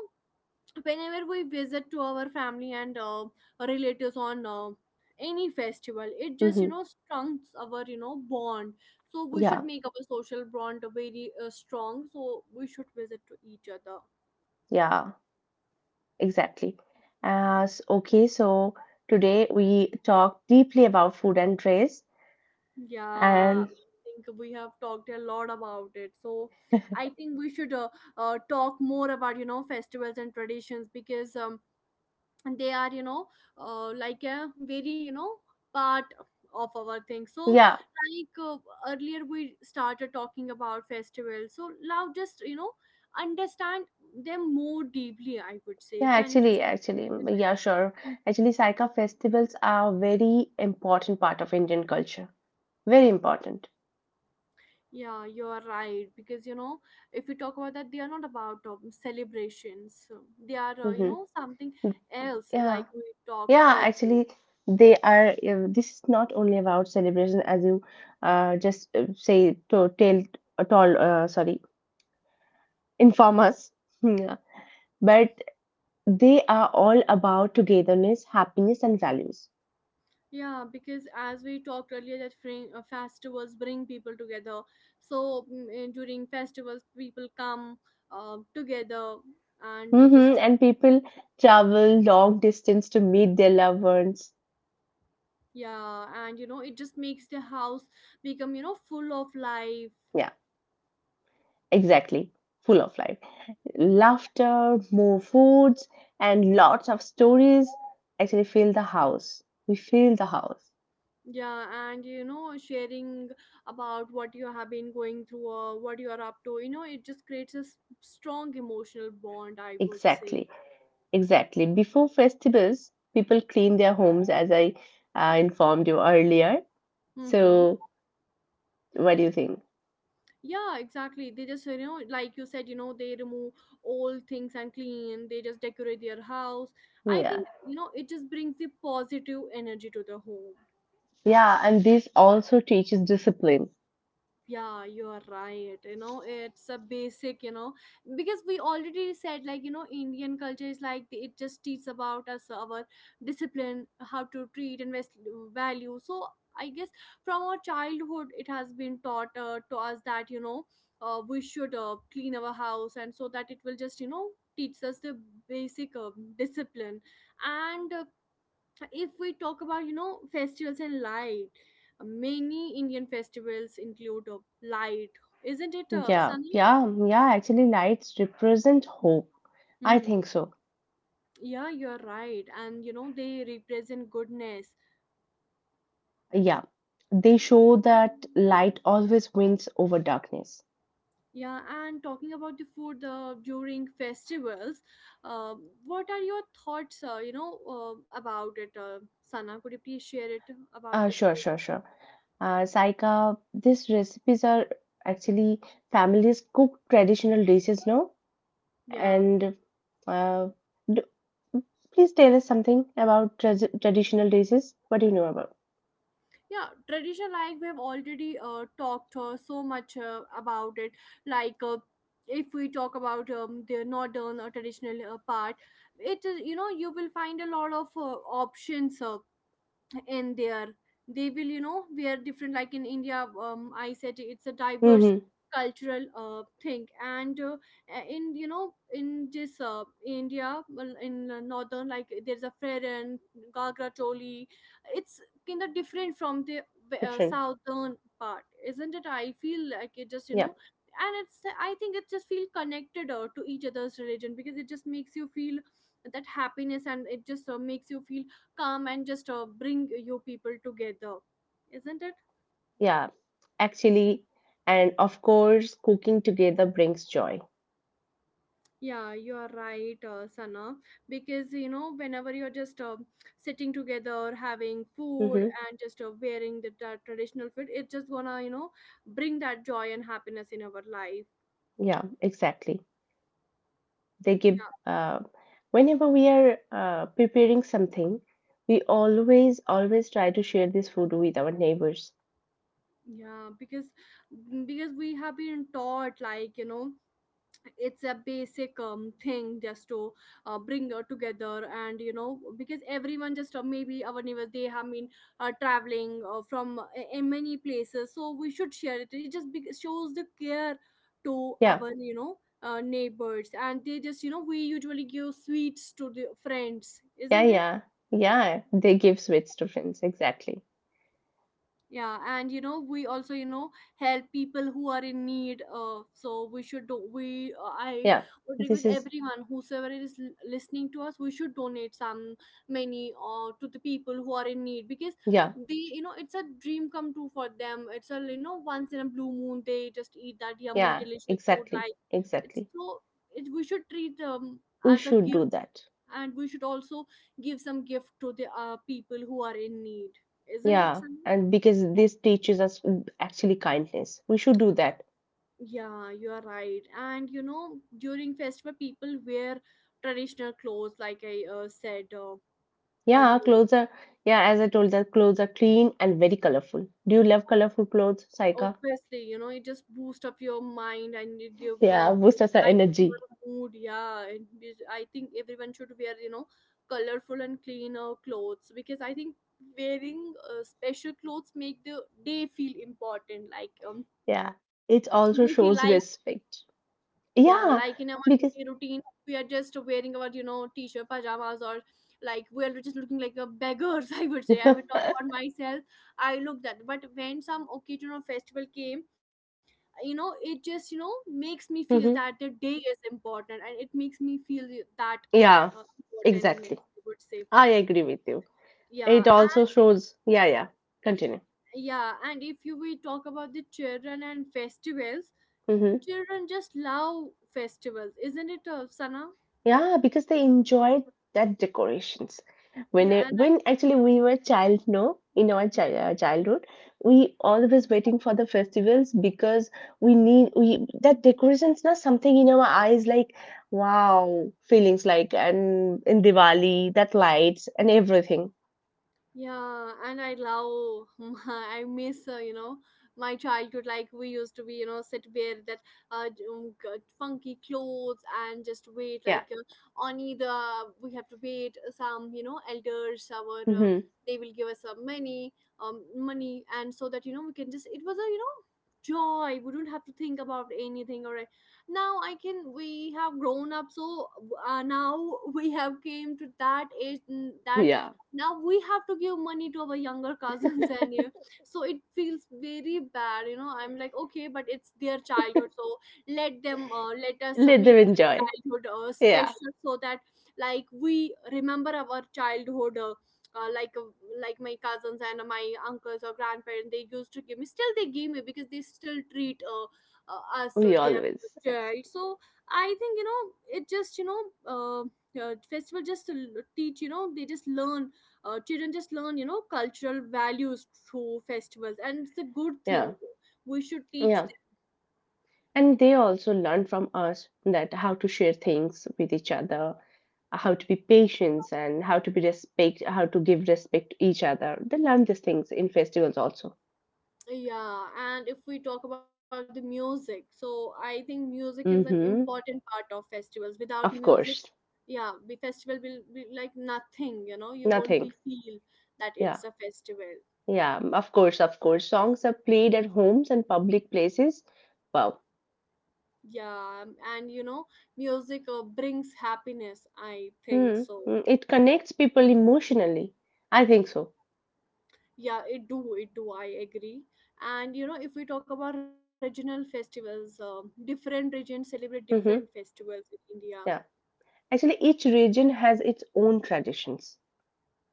Speaker 1: whenever we visit to our family and relatives on any festival, it just, you
Speaker 2: mm-hmm.
Speaker 1: know, strengthens our, you know, bond. So we should
Speaker 2: Yeah,
Speaker 1: make our social bond very strong, so we should visit to each other.
Speaker 2: yeah, exactly. As Okay, so today we talked deeply about food and trace,
Speaker 1: Yeah, I
Speaker 2: and
Speaker 1: think we have talked a lot about it, so I think we should talk more about, you know, festivals and traditions, because and they are, you know, like a very, you know, part of our thing. So
Speaker 2: yeah,
Speaker 1: like earlier we started talking about festivals, so now just, you know, understand them more deeply, I would say,
Speaker 2: yeah,
Speaker 1: can you
Speaker 2: actually,
Speaker 1: just
Speaker 2: actually, yeah, sure. Actually, Saika, festivals are a very important part of Indian culture. Very important.
Speaker 1: yeah, you are right, because you know, if you talk about that, they are not about celebrations. So they are you
Speaker 2: Mm-hmm.
Speaker 1: know, something else
Speaker 2: Yeah,
Speaker 1: like we talked
Speaker 2: yeah,
Speaker 1: earlier.
Speaker 2: actually, they are. This is not only about celebration, as you just say to tell, told, sorry, inform us. Yeah. But they are all about togetherness, happiness, and values.
Speaker 1: Yeah, because as we talked earlier, that festivals bring people together. So during festivals, people come together, and they just
Speaker 2: Hmm. And people travel long distance to meet their loved ones.
Speaker 1: yeah, and you know it just makes the house become, you know, full of life.
Speaker 2: Yeah, exactly. Full of life, laughter, more foods, and lots of stories. Actually, fill the house. We fill the house.
Speaker 1: Yeah, and you know, sharing about what you have been going through or what you are up to, you know, it just creates a strong emotional bond, I would say.
Speaker 2: Exactly, exactly. Before festivals, people clean their homes, as I informed you earlier.
Speaker 1: Mm-hmm.
Speaker 2: So, what do you think?
Speaker 1: Yeah, exactly. They just, you know, like you said, you know, they remove old things and clean, they just decorate their house. I
Speaker 2: Yeah,
Speaker 1: think, you know, it just brings the positive energy to the home.
Speaker 2: yeah, and this also teaches discipline.
Speaker 1: Yeah, you are right, you know, it's a basic, you know, because we already said, like, you know, Indian culture is like it just teaches about us our discipline, how to treat and value. So I guess from our childhood it has been taught to us that, you know, we should clean our house, and so that it will just, you know, teach us the basic discipline. And if we talk about, you know, festivals and light, many Indian festivals include light, isn't it,
Speaker 2: Yeah,
Speaker 1: Sunny?
Speaker 2: yeah, yeah. Actually, lights represent hope. I
Speaker 1: Mm-hmm.
Speaker 2: think so.
Speaker 1: Yeah, you're right, and you know they represent goodness.
Speaker 2: Yeah, they show that light always wins over darkness.
Speaker 1: Yeah, and talking about the food during festivals, uh, what are your thoughts, you know, about it, Sana? Could you please share it about the
Speaker 2: Sure,
Speaker 1: food?
Speaker 2: sure, sure. Saika, these recipes are actually families cook traditional dishes, no?
Speaker 1: Yeah,
Speaker 2: And uh, d please tell us something about traditional dishes. What do you know about?
Speaker 1: yeah, tradition, like we've already talked so much about it. Like if we talk about the northern or traditional part, it is, you know, you will find a lot of options, and there they will, you know, wear different. Like in India, I said it's a diverse
Speaker 2: Mm-hmm.
Speaker 1: cultural thing, and in, you know, in this India, well, in northern, like there's a and gagra choli, it's kind of different from the
Speaker 2: Different.
Speaker 1: southern part, isn't it? I feel like it just, you
Speaker 2: Yeah.
Speaker 1: know, and it's, I think it just feel connected to each other's religion, because it just makes you feel that happiness, and it just makes you feel come, and just bring you people together, isn't it?
Speaker 2: Yeah, actually. And of course, cooking together brings joy.
Speaker 1: Yeah, you are right, Sana, because you know whenever you're just sitting together having food,
Speaker 2: Hmm.
Speaker 1: and just wearing that traditional fit, it's just gonna, you know, bring that joy and happiness in our life.
Speaker 2: Yeah, exactly. They give, uh, whenever we are preparing something, we always, always try to share this food with our neighbors.
Speaker 1: Yeah, yeah, because we have been taught, like, you know, it's a basic thing, just to bring together, and you know, because everyone just maybe our neighbors, they have been traveling from in many places, so we should share it. It just shows the care to
Speaker 2: Yeah,
Speaker 1: our, you know, neighbors, and they just, you know, we usually give sweets to the friends,
Speaker 2: yeah,
Speaker 1: isn't it?
Speaker 2: yeah, yeah. They give sweets to friends. Exactly.
Speaker 1: Yeah, and you know we also, you know, help people who are in need, so we should do we I
Speaker 2: Yeah,
Speaker 1: would
Speaker 2: this
Speaker 1: request
Speaker 2: is,
Speaker 1: everyone whosoever is listening to us, we should donate some money to the people who are in need, because
Speaker 2: yeah,
Speaker 1: they, you know, it's a dream come true for them, it's, a you know, once in a blue moon they just eat that yummy
Speaker 2: yeah,
Speaker 1: delicious food,
Speaker 2: exactly,
Speaker 1: like it's
Speaker 2: exactly.
Speaker 1: so it, we should treat them
Speaker 2: We
Speaker 1: as a
Speaker 2: should
Speaker 1: gift
Speaker 2: do that.
Speaker 1: and We should also give some gift to the people who are in need, isn't it,
Speaker 2: Yeah,
Speaker 1: Sunny?
Speaker 2: and because this teaches us actually kindness. We should do that.
Speaker 1: Yeah, you are right. And you know, during festival, people wear traditional clothes, like I said
Speaker 2: Yeah,
Speaker 1: earlier.
Speaker 2: clothes are, yeah, as I told, that clothes are clean and very colorful. Do you love colorful clothes, Saika?
Speaker 1: Obviously, you know, it just boosts up your mind and it give
Speaker 2: Yeah, boosts
Speaker 1: just
Speaker 2: us our
Speaker 1: light up your
Speaker 2: energy.
Speaker 1: mood. Yeah, and I think everyone should wear, you know, colorful and clean clothes, because I think wearing special clothes make the day feel important. Like
Speaker 2: Yeah,
Speaker 1: we feel
Speaker 2: it
Speaker 1: like.
Speaker 2: also shows respect.
Speaker 1: Yeah, like in our
Speaker 2: Yeah,
Speaker 1: daily
Speaker 2: because
Speaker 1: routine, we are just wearing our, you know, t-shirt, pajamas, or like we are just looking like a beggars, I would say. I would talk about myself. I looked that. But when some occasion or festival came, you know, it just, you know, makes me feel that the
Speaker 2: hmm.
Speaker 1: day is important, and it makes me feel that
Speaker 2: Yeah,
Speaker 1: importantness,
Speaker 2: exactly.
Speaker 1: I would say.
Speaker 2: I agree with you.
Speaker 1: Yeah,
Speaker 2: It also
Speaker 1: and,
Speaker 2: shows, yeah, yeah, continue.
Speaker 1: yeah, and if you we talk about the children and festivals,
Speaker 2: Hmm.
Speaker 1: children just love festivals, isn't it, Sana?
Speaker 2: Yeah, because they enjoyed that decorations. When
Speaker 1: Yeah,
Speaker 2: it,
Speaker 1: and I
Speaker 2: when actually we were child, no, in our childhood, we always waiting for the festivals, because we need we that decorations, not something in our eyes like wow feelings, like, and in Diwali that lights and everything.
Speaker 1: Yeah, and I love, my, I miss, you know, my childhood. Like we used to be, you know, sit wear that uh, funky clothes and just wait.
Speaker 2: Yeah.
Speaker 1: Like on either we have to wait some, you know, elders, our
Speaker 2: Hmm.
Speaker 1: they will give us some money, money, and so that you know we can just. It was a, you know, joy. We don't have to think about anything. Or Now I can. We have grown up, so now we have came to that age, that
Speaker 2: Yeah.
Speaker 1: now we have to give money to our younger cousins and you, so it feels very bad, you know. I'm like, okay, but it's their childhood, so let us
Speaker 2: Let them
Speaker 1: make their
Speaker 2: enjoy.
Speaker 1: childhood
Speaker 2: Yeah.
Speaker 1: special, so that like we remember our childhood uh, like uh, like my cousins and my uncles or grandparents, they used to give me, still they give me, because they still treat us
Speaker 2: We
Speaker 1: their
Speaker 2: always.
Speaker 1: child. So I think you know it just you know uh, festival just to teach, you know, they just learn, children just learn, you know, cultural values through festivals, and it's a good
Speaker 2: Yeah.
Speaker 1: thing we should teach
Speaker 2: Yeah. And they also learn from us that how to share things with each other, how to be patient, and how to be respect, how to give respect to each other. They learn these things in festivals also.
Speaker 1: them. Yeah, and if we talk about the music, so I think music is an
Speaker 2: Mm-hmm.
Speaker 1: important part of festivals. Without
Speaker 2: Of
Speaker 1: music,
Speaker 2: course.
Speaker 1: yeah, the festival will be like nothing, you know. You won't
Speaker 2: Nothing.
Speaker 1: be feel that
Speaker 2: Yeah,
Speaker 1: it's a festival.
Speaker 2: yeah, of course, of course. Songs are played at homes and public places. Wow.
Speaker 1: Yeah, and you know, music brings happiness, I think
Speaker 2: Mm,
Speaker 1: so.
Speaker 2: mm. It connects people emotionally. I think so.
Speaker 1: Yeah, it do, I agree. And you know, if we talk about regional festivals, different regions celebrate different
Speaker 2: Mm-hmm.
Speaker 1: festivals in India.
Speaker 2: Yeah, actually each region has its own traditions,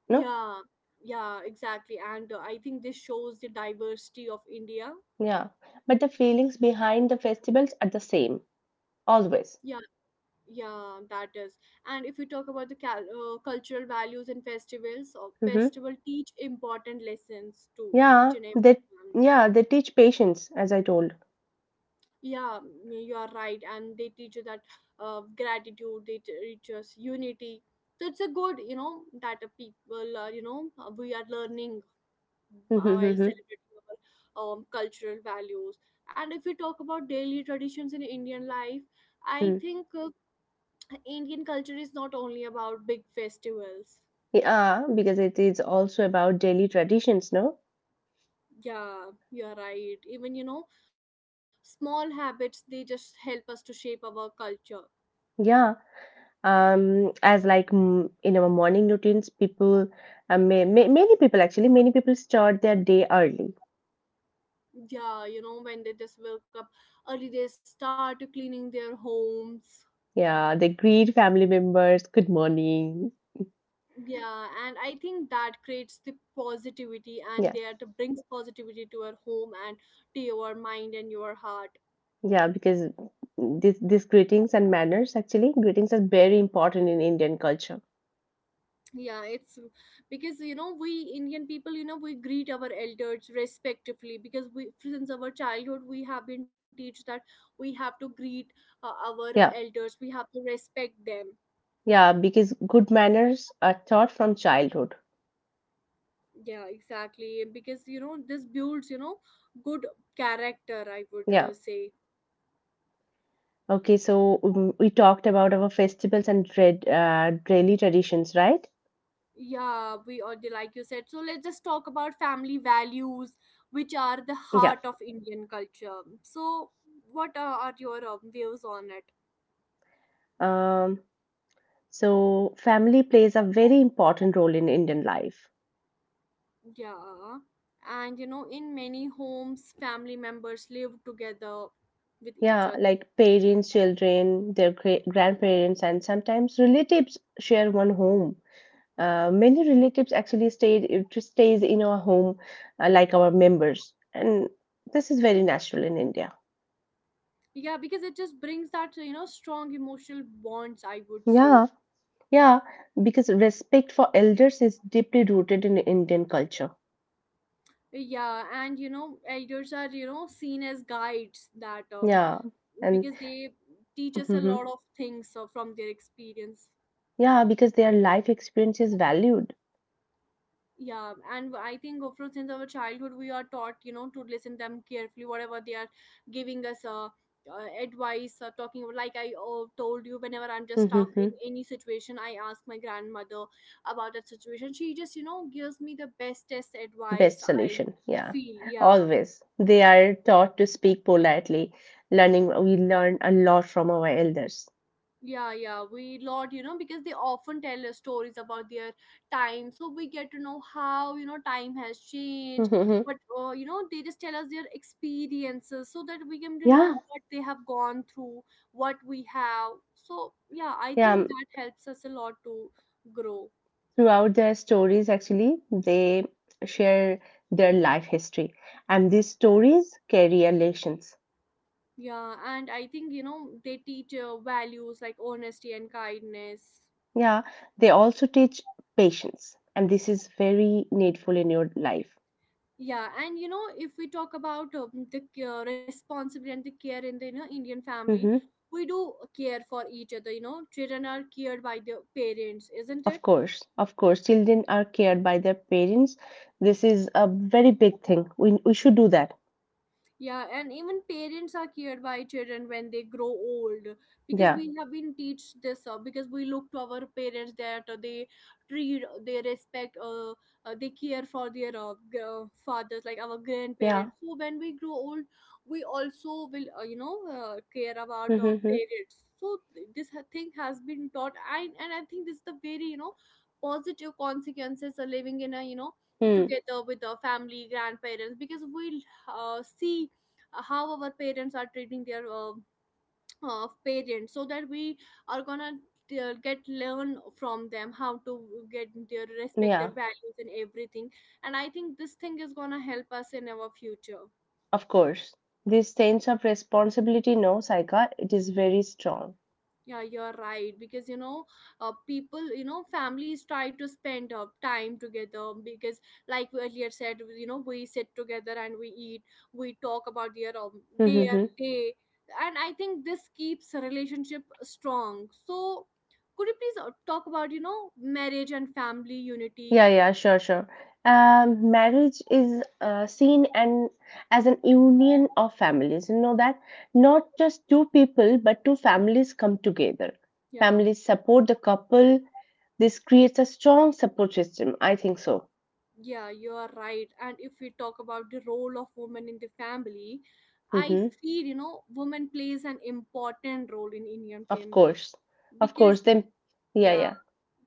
Speaker 2: no?
Speaker 1: Yeah, yeah, exactly. And I think this shows the diversity of India.
Speaker 2: Yeah, but the feelings behind the festivals are the same always.
Speaker 1: Yeah, yeah, that is. And if we talk about the cultural values and festivals, or
Speaker 2: Mm-hmm.
Speaker 1: festival teach important lessons to
Speaker 2: Yeah,
Speaker 1: each and
Speaker 2: they
Speaker 1: every one.
Speaker 2: yeah, they teach patience, as I told.
Speaker 1: Yeah, you are right, and they teach you that gratitude, they teach us unity. So it's a good, you know, that people are, you know, we are learning
Speaker 2: Mhm,
Speaker 1: while
Speaker 2: mhm,
Speaker 1: celebrating our cultural values. And if we talk about daily traditions in Indian life, i
Speaker 2: mhm.
Speaker 1: think uh, Indian culture is not only about big festivals.
Speaker 2: Yeah, because it is also about daily traditions, no?
Speaker 1: Yeah, you're right. Even, you know, small habits, they just help us to shape our culture.
Speaker 2: Yeah. As like, in our morning routines, people, many people start their day early.
Speaker 1: Yeah, you know, when they just woke up early, they start cleaning their homes.
Speaker 2: Yeah, they greet family members, good morning.
Speaker 1: Yeah, and I think that creates the positivity, and
Speaker 2: Yeah,
Speaker 1: that brings positivity to our home and to your mind and your heart.
Speaker 2: yeah, because this greetings and manners, actually, greetings are very important in Indian culture.
Speaker 1: Yeah, it's because, you know, we Indian people, you know, we greet our elders respectively, because we, since our childhood, we have been taught that we have to greet our
Speaker 2: Yeah,
Speaker 1: elders, we have to respect them.
Speaker 2: yeah, because good manners are taught from childhood.
Speaker 1: Yeah, exactly, because, you know, this builds, you know, good character, I would
Speaker 2: Yeah.
Speaker 1: say.
Speaker 2: Okay. So we talked about our festivals and trad daily traditions, right?
Speaker 1: Yeah, we already, like you said, so let's just talk about family values, which are the
Speaker 2: Yeah.
Speaker 1: heart of Indian culture. So what are your views on it?
Speaker 2: Um, so family plays a very important role in Indian life.
Speaker 1: Yeah, and you know, in many homes, family members live together with each
Speaker 2: Yeah,
Speaker 1: other.
Speaker 2: like parents, children, their grandparents, and sometimes relatives share one home. Many relatives actually stayed it just stays in our home, like our members, and this is very natural in India.
Speaker 1: Yeah, because it just brings that, you know, strong emotional bonds, I would say.
Speaker 2: Yeah. Yeah, because respect for elders is deeply rooted in Indian culture.
Speaker 1: Yeah, and you know, elders are, you know, seen as guides, that um,
Speaker 2: Yeah, and
Speaker 1: because they teach us a
Speaker 2: hmm
Speaker 1: lot of things from their experience.
Speaker 2: yeah, because their life experience is valued.
Speaker 1: Yeah, and I think from since our childhood we are taught, you know, to listen them carefully, whatever they are giving us, advice or talking about. Like I told you, whenever I'm just stuck
Speaker 2: Hmm.
Speaker 1: in any situation, I ask my grandmother about that situation, she just, you know, gives me the bestest advice,
Speaker 2: Best
Speaker 1: I
Speaker 2: solution. Yeah,
Speaker 1: feel. Yeah,
Speaker 2: always. They are taught to speak politely, learning, we learn a lot from our elders.
Speaker 1: yeah, yeah we lot, you know, because they often tell us stories about their time, so we get to know how, you know, time has changed.
Speaker 2: Hmm.
Speaker 1: But you know, they just tell us their experiences so that we can to know
Speaker 2: Yeah,
Speaker 1: what they have gone through, what we have. So yeah, I
Speaker 2: yeah.
Speaker 1: think that helps us a lot to grow.
Speaker 2: Throughout their stories, actually, they share their life history, and these stories carry a lessons.
Speaker 1: Yeah, and I think, you know, they teach values like honesty and kindness.
Speaker 2: Yeah, they also teach patience, and this is very needful in your life.
Speaker 1: Yeah, and you know, if we talk about responsibility and the care in the, you know, Indian family,
Speaker 2: Hmm.
Speaker 1: we do care for each other, you know. Children are cared by their parents, isn't it?
Speaker 2: Of course, children are cared by their parents. This is a very big thing. We should do that.
Speaker 1: Yeah, and even parents are cared by children when they grow old, because
Speaker 2: Yeah,
Speaker 1: we have been teach this, because we look to our parents that they treat, they respect, they care for their fathers like our
Speaker 2: yeah,
Speaker 1: grandparents. So when we grow old, we also will, you know, care about our
Speaker 2: mm-hmm.
Speaker 1: parents. So this thing has been taught, and I think this is the very, you know, positive consequences of living in a, you know,
Speaker 2: Mm.
Speaker 1: together with the family grandparents, because we see how our parents are treating their parents, so that we are gonna get learn from them how to get their respect,
Speaker 2: Yeah.
Speaker 1: their values and everything. And I think this thing is gonna help us in our future.
Speaker 2: Of course, this sense of responsibility, no, Saika, it is very strong.
Speaker 1: Yeah, you're right. Because, you know, people, you know, families try to spend time together, because, like we earlier said, you know, we sit together and we eat, we talk about their day. And I think this keeps a relationship strong. So, could you please talk about, you know, marriage and family unity?
Speaker 2: Yeah, yeah, sure, sure. Marriage is seen and as an union of families. You know that not just two people, but two families come together.
Speaker 1: Yeah,
Speaker 2: Families support the couple. This creates a strong support system. I think so.
Speaker 1: yeah, you're right. And if we talk about the role of women in the family, I
Speaker 2: Mm-hmm.
Speaker 1: feel, you know, women plays an important role in Indian
Speaker 2: Of
Speaker 1: family.
Speaker 2: course, of
Speaker 1: Because,
Speaker 2: course. Then, yeah,
Speaker 1: yeah,
Speaker 2: yeah.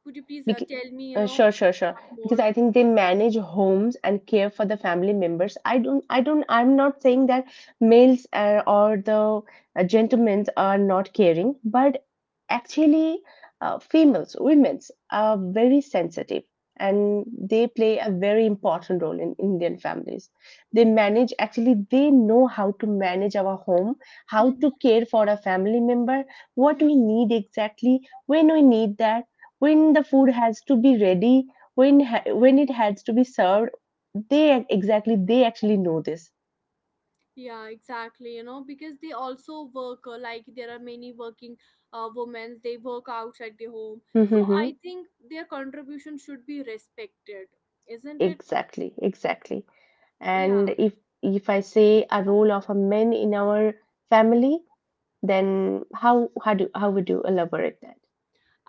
Speaker 1: could you please
Speaker 2: Bec-
Speaker 1: tell me, you know,
Speaker 2: sure, sure, sure.
Speaker 1: what more
Speaker 2: Because I
Speaker 1: to
Speaker 2: think they
Speaker 1: this?
Speaker 2: manage homes and care for the family members. I'm not saying that males or the gentlemen are not caring, but actually, females, women, are very sensitive, and they play a very important role in Indian families. They manage, actually, they know how to manage our home, how to
Speaker 1: Mhm,
Speaker 2: care for a family member, what
Speaker 1: mhm.
Speaker 2: we need exactly, when we need that, when the food has to be ready, when it has to be served. They actually know this.
Speaker 1: Yeah, exactly, you know, because they also work, like there are many working women, they work outside the home. So
Speaker 2: Mm-hmm.
Speaker 1: I think their contribution should be respected, isn't it?
Speaker 2: Exactly, exactly.
Speaker 1: Yeah.
Speaker 2: And if I say a role of a man in our family, then how would you elaborate that?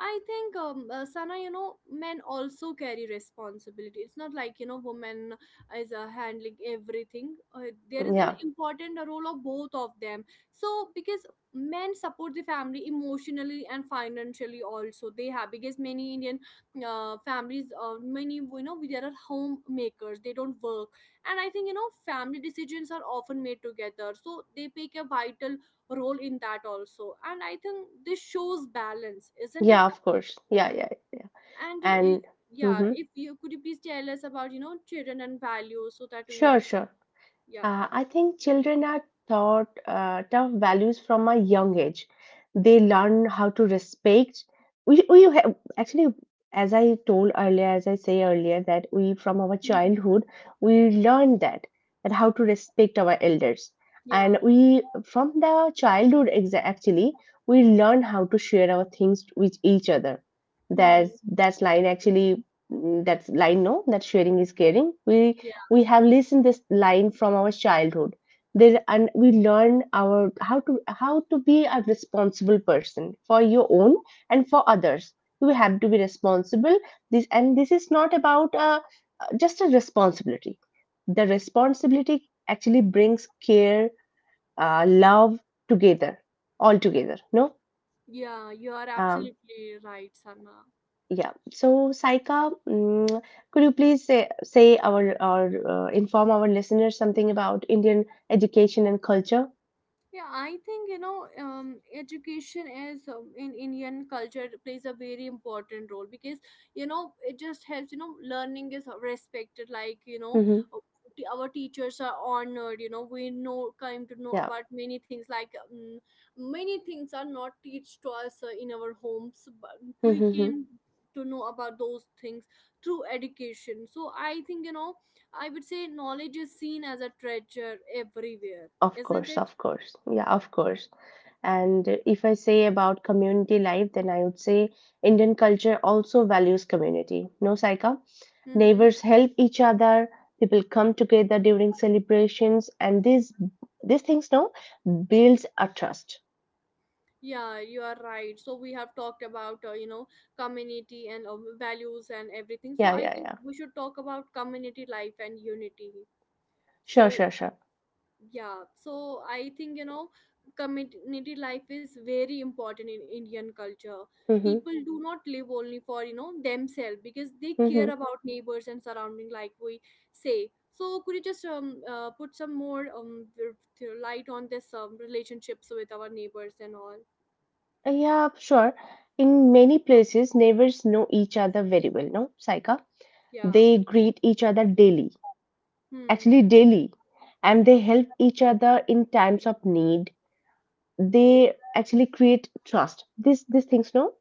Speaker 1: I think, Sana, you know, men also carry responsibility. It's not like, you know, women is handling everything. There is an
Speaker 2: Yeah,
Speaker 1: important role of both of them. So, because men support the family emotionally and financially, also they have, because many Indian families, many, you know, there are homemakers, they don't work. And I think, you know, family decisions are often made together, so they play a vital role in that also, and I think this shows balance, isn't it?
Speaker 2: yeah, of course, yeah, yeah, yeah,
Speaker 1: And
Speaker 2: and
Speaker 1: yeah,
Speaker 2: mm-hmm.
Speaker 1: if you could you please tell us about, you know, children and values, so that we
Speaker 2: Sure,
Speaker 1: know,
Speaker 2: sure.
Speaker 1: yeah.
Speaker 2: I think children are taught tough values from a young age. They learn how to respect. We have, actually, as I say earlier, that we from our
Speaker 1: Hmm.
Speaker 2: childhood we learn that how to respect our elders,
Speaker 1: Yeah.
Speaker 2: and we from the childhood actually we learn how to share our things with each other.
Speaker 1: Hmm.
Speaker 2: That's line actually. That's line, no, that sharing is caring. We
Speaker 1: Yeah,
Speaker 2: we have listened this line from our childhood there, and we learn our how to be a responsible person for your own and for others. You have to be responsible. This is not about just a responsibility. The responsibility actually brings care, love together, all together, no.
Speaker 1: yeah, you are
Speaker 2: um,
Speaker 1: absolutely right, Sana.
Speaker 2: Yeah. So, Saika, could you please say our or inform our listeners something about Indian education and culture?
Speaker 1: Yeah, I think, you know, education is in Indian culture plays a very important role, because you know it just helps. You know, learning is respected. Like, you know,
Speaker 2: Mm-hmm.
Speaker 1: uh, our teachers are honored. You know, we know come to know
Speaker 2: Yeah.
Speaker 1: about many things. Like many things are not teach to us in our homes, but we
Speaker 2: Mm-hmm.
Speaker 1: came to know about those things through education. So I think, you know, I would say knowledge is seen as a treasure everywhere,
Speaker 2: Of
Speaker 1: isn't
Speaker 2: course,
Speaker 1: it?
Speaker 2: of course. Yeah, of course. And if I say about community life, then I would say Indian culture also values community. No, Saika?
Speaker 1: Mm-hmm.
Speaker 2: Neighbors help each other, people come together during celebrations, and these things, no, builds a trust.
Speaker 1: Yeah, you are right. So we have talked about, you know, community and values and everything. So
Speaker 2: Yeah,
Speaker 1: I
Speaker 2: yeah,
Speaker 1: think
Speaker 2: yeah.
Speaker 1: we should talk about community life and unity.
Speaker 2: Sure,
Speaker 1: So
Speaker 2: sure, sure.
Speaker 1: yeah, so I think, you know, community life is very important in Indian culture.
Speaker 2: Mhm,
Speaker 1: People do not live only for, you know, themselves, because they care
Speaker 2: mhm.
Speaker 1: about neighbors and surrounding, like we say. So could you just put some more light on this relationships with our neighbors and all?
Speaker 2: Yeah, sure. In many places, neighbors know each other very well, no, Saika?
Speaker 1: Yeah.
Speaker 2: They greet each other daily,
Speaker 1: Hmm.
Speaker 2: actually daily, and they help each other in times of need. They actually create trust. This these things, no,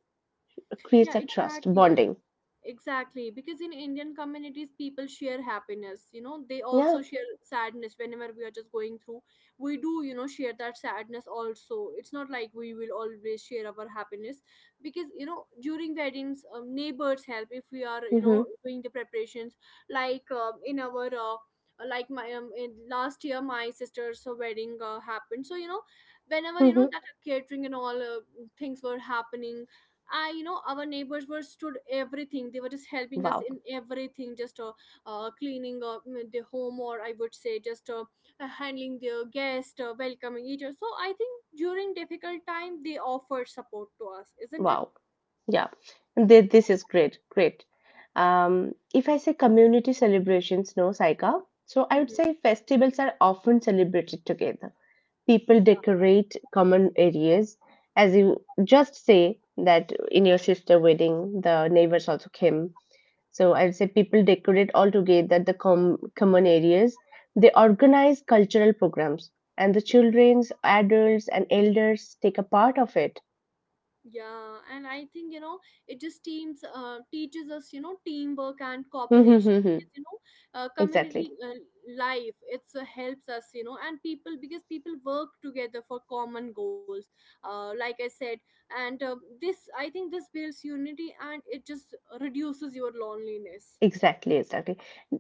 Speaker 1: Yeah,
Speaker 2: creates a trust
Speaker 1: exactly.
Speaker 2: bonding.
Speaker 1: Exactly. Because in Indian communities, people share happiness. You know, they also
Speaker 2: Yeah.
Speaker 1: share sadness whenever we are just going through. We do, share that sadness also. It's not like we will always share our happiness because, during weddings, neighbors help if we are,
Speaker 2: Mm-hmm.
Speaker 1: doing the preparations. Like in our, like my in last year, my sister's wedding happened. So,
Speaker 2: Mm-hmm.
Speaker 1: that catering and all things were happening. I, our neighbors were stood everything. They were just helping us
Speaker 2: Wow.
Speaker 1: in everything, just cleaning the home, or I would say, just handling their guest, welcoming each other. So I think during difficult time, they offer support to us, isn't it?
Speaker 2: Wow. Yeah. This is great. Great. If I say community celebrations, no, Saika. So I would say
Speaker 1: Mm-hmm.
Speaker 2: festivals are often celebrated together. People decorate common areas. As you just say that in your sister wedding, the neighbors also came. So I would say people decorate all together the common areas. They organize cultural programs, and the childrens, adults, and elders take a part of it.
Speaker 1: Yeah, and I think you know it just teams teaches us, you know, teamwork and cooperation because,
Speaker 2: Exactly,
Speaker 1: community life it's helps us, you know, and people, because people work together for common goals, like I said. And uh, this I think this builds unity and it just reduces your loneliness.
Speaker 2: exactly, exactly.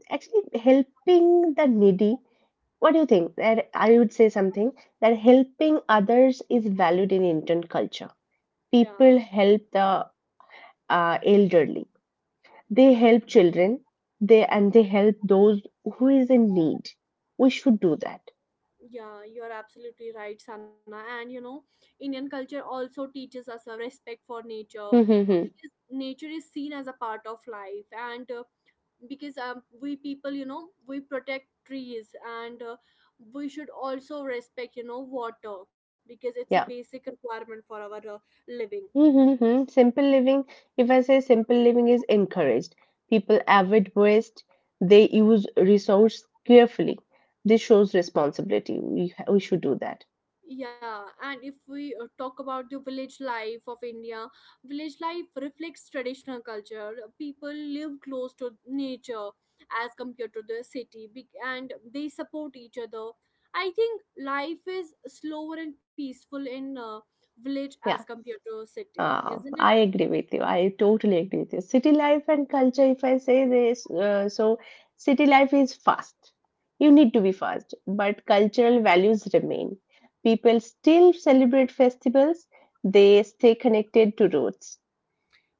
Speaker 2: Actually, helping the needy, what do you think? That I would say something that helping others is valued in Indian culture.
Speaker 1: Yeah.
Speaker 2: People help the elderly, they help children, they and they help those who is in need. We should do that.
Speaker 1: Yeah, you're absolutely right, Sana. And you know, Indian culture also teaches us a respect for nature
Speaker 2: Hmm, hmm, hmm.
Speaker 1: because nature is seen as a part of life. And because we people, you know, we protect trees, and we should also respect, you know, water because it's a
Speaker 2: Yeah.
Speaker 1: basic requirement for our living.
Speaker 2: Mm-hmm. Mm-hmm. Simple living, if I say simple living is encouraged, people avid waste, they use resource carefully. This shows responsibility. We should do that.
Speaker 1: Yeah, and if we talk about the village life of India, village life reflects traditional culture. People live close to nature as compared to the city, and they support each other. I think life is slower and peaceful in village as
Speaker 2: Yeah,
Speaker 1: compared to city, isn't it?
Speaker 2: I agree with you. I totally agree with you. City life and culture, if I say this, so city life is fast. You need to be fast, but cultural values remain. People still celebrate festivals, they stay connected to roots.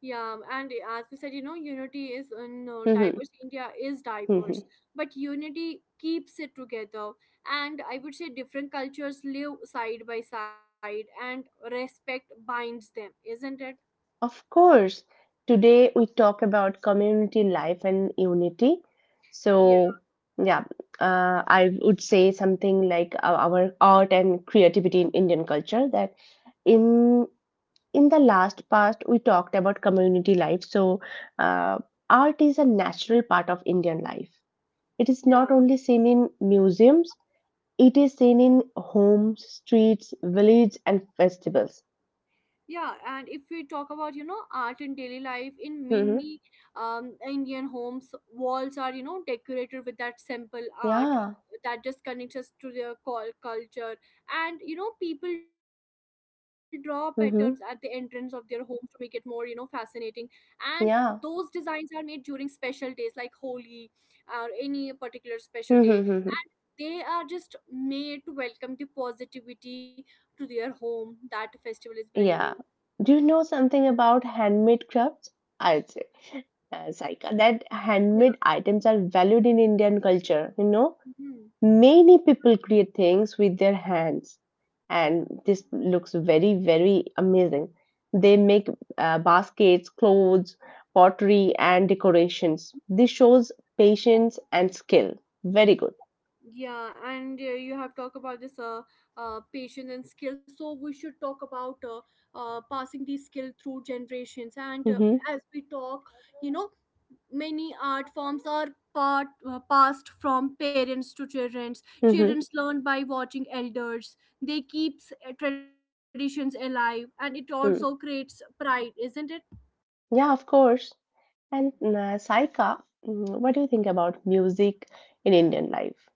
Speaker 1: Yeah, and as we said, you know, unity is in
Speaker 2: Mm-hmm,
Speaker 1: diverse. India is
Speaker 2: mm-hmm.
Speaker 1: diverse, but unity keeps it together. And I would say different cultures live side by side, and respect binds them, isn't it?
Speaker 2: Of course, today we talk about community life and unity.
Speaker 1: Yeah,
Speaker 2: So, yeah, I would say something like our art and creativity in Indian culture. That in in the last past we talked about community life. So, uh, art is a natural part of Indian life. It is not
Speaker 1: yeah.
Speaker 2: only seen in museums; it is seen in homes, streets, villages, and festivals.
Speaker 1: Yeah, and if we talk about, you know, art in daily life, in
Speaker 2: Mm-hmm.
Speaker 1: many Indian homes, walls are, you know, decorated with that simple art
Speaker 2: Yeah.
Speaker 1: that just connects us to their call culture. And, you know, people draw patterns at the entrance of their
Speaker 2: Mm-hmm.
Speaker 1: homes to make it more, you know, fascinating. And those
Speaker 2: Yeah.
Speaker 1: designs are made during special days like Holi or any particular special day.
Speaker 2: Yeah.
Speaker 1: They are just made to welcome the positivity to their home that festival is bringing.
Speaker 2: Do you know something about handmade crafts? I'd say, Saika, that
Speaker 1: Yeah.
Speaker 2: handmade items are valued in Indian culture. You know,
Speaker 1: Mhm.
Speaker 2: many people create things with their hands, and this looks very, very amazing. They make baskets, clothes, pottery, and decorations. This shows patience and skill. Very good.
Speaker 1: Yeah, and you have talked about this patience and skill. So we should talk about passing these skill through generations. And
Speaker 2: Mm-hmm.
Speaker 1: as we talk, you know, many art forms are part passed from parents to children.
Speaker 2: Mm-hmm.
Speaker 1: Children learn by watching elders. They keeps traditions alive, and it also creates
Speaker 2: Mm.
Speaker 1: pride, isn't it?
Speaker 2: Yeah, of course. And Saika, what do you think about music in Indian life?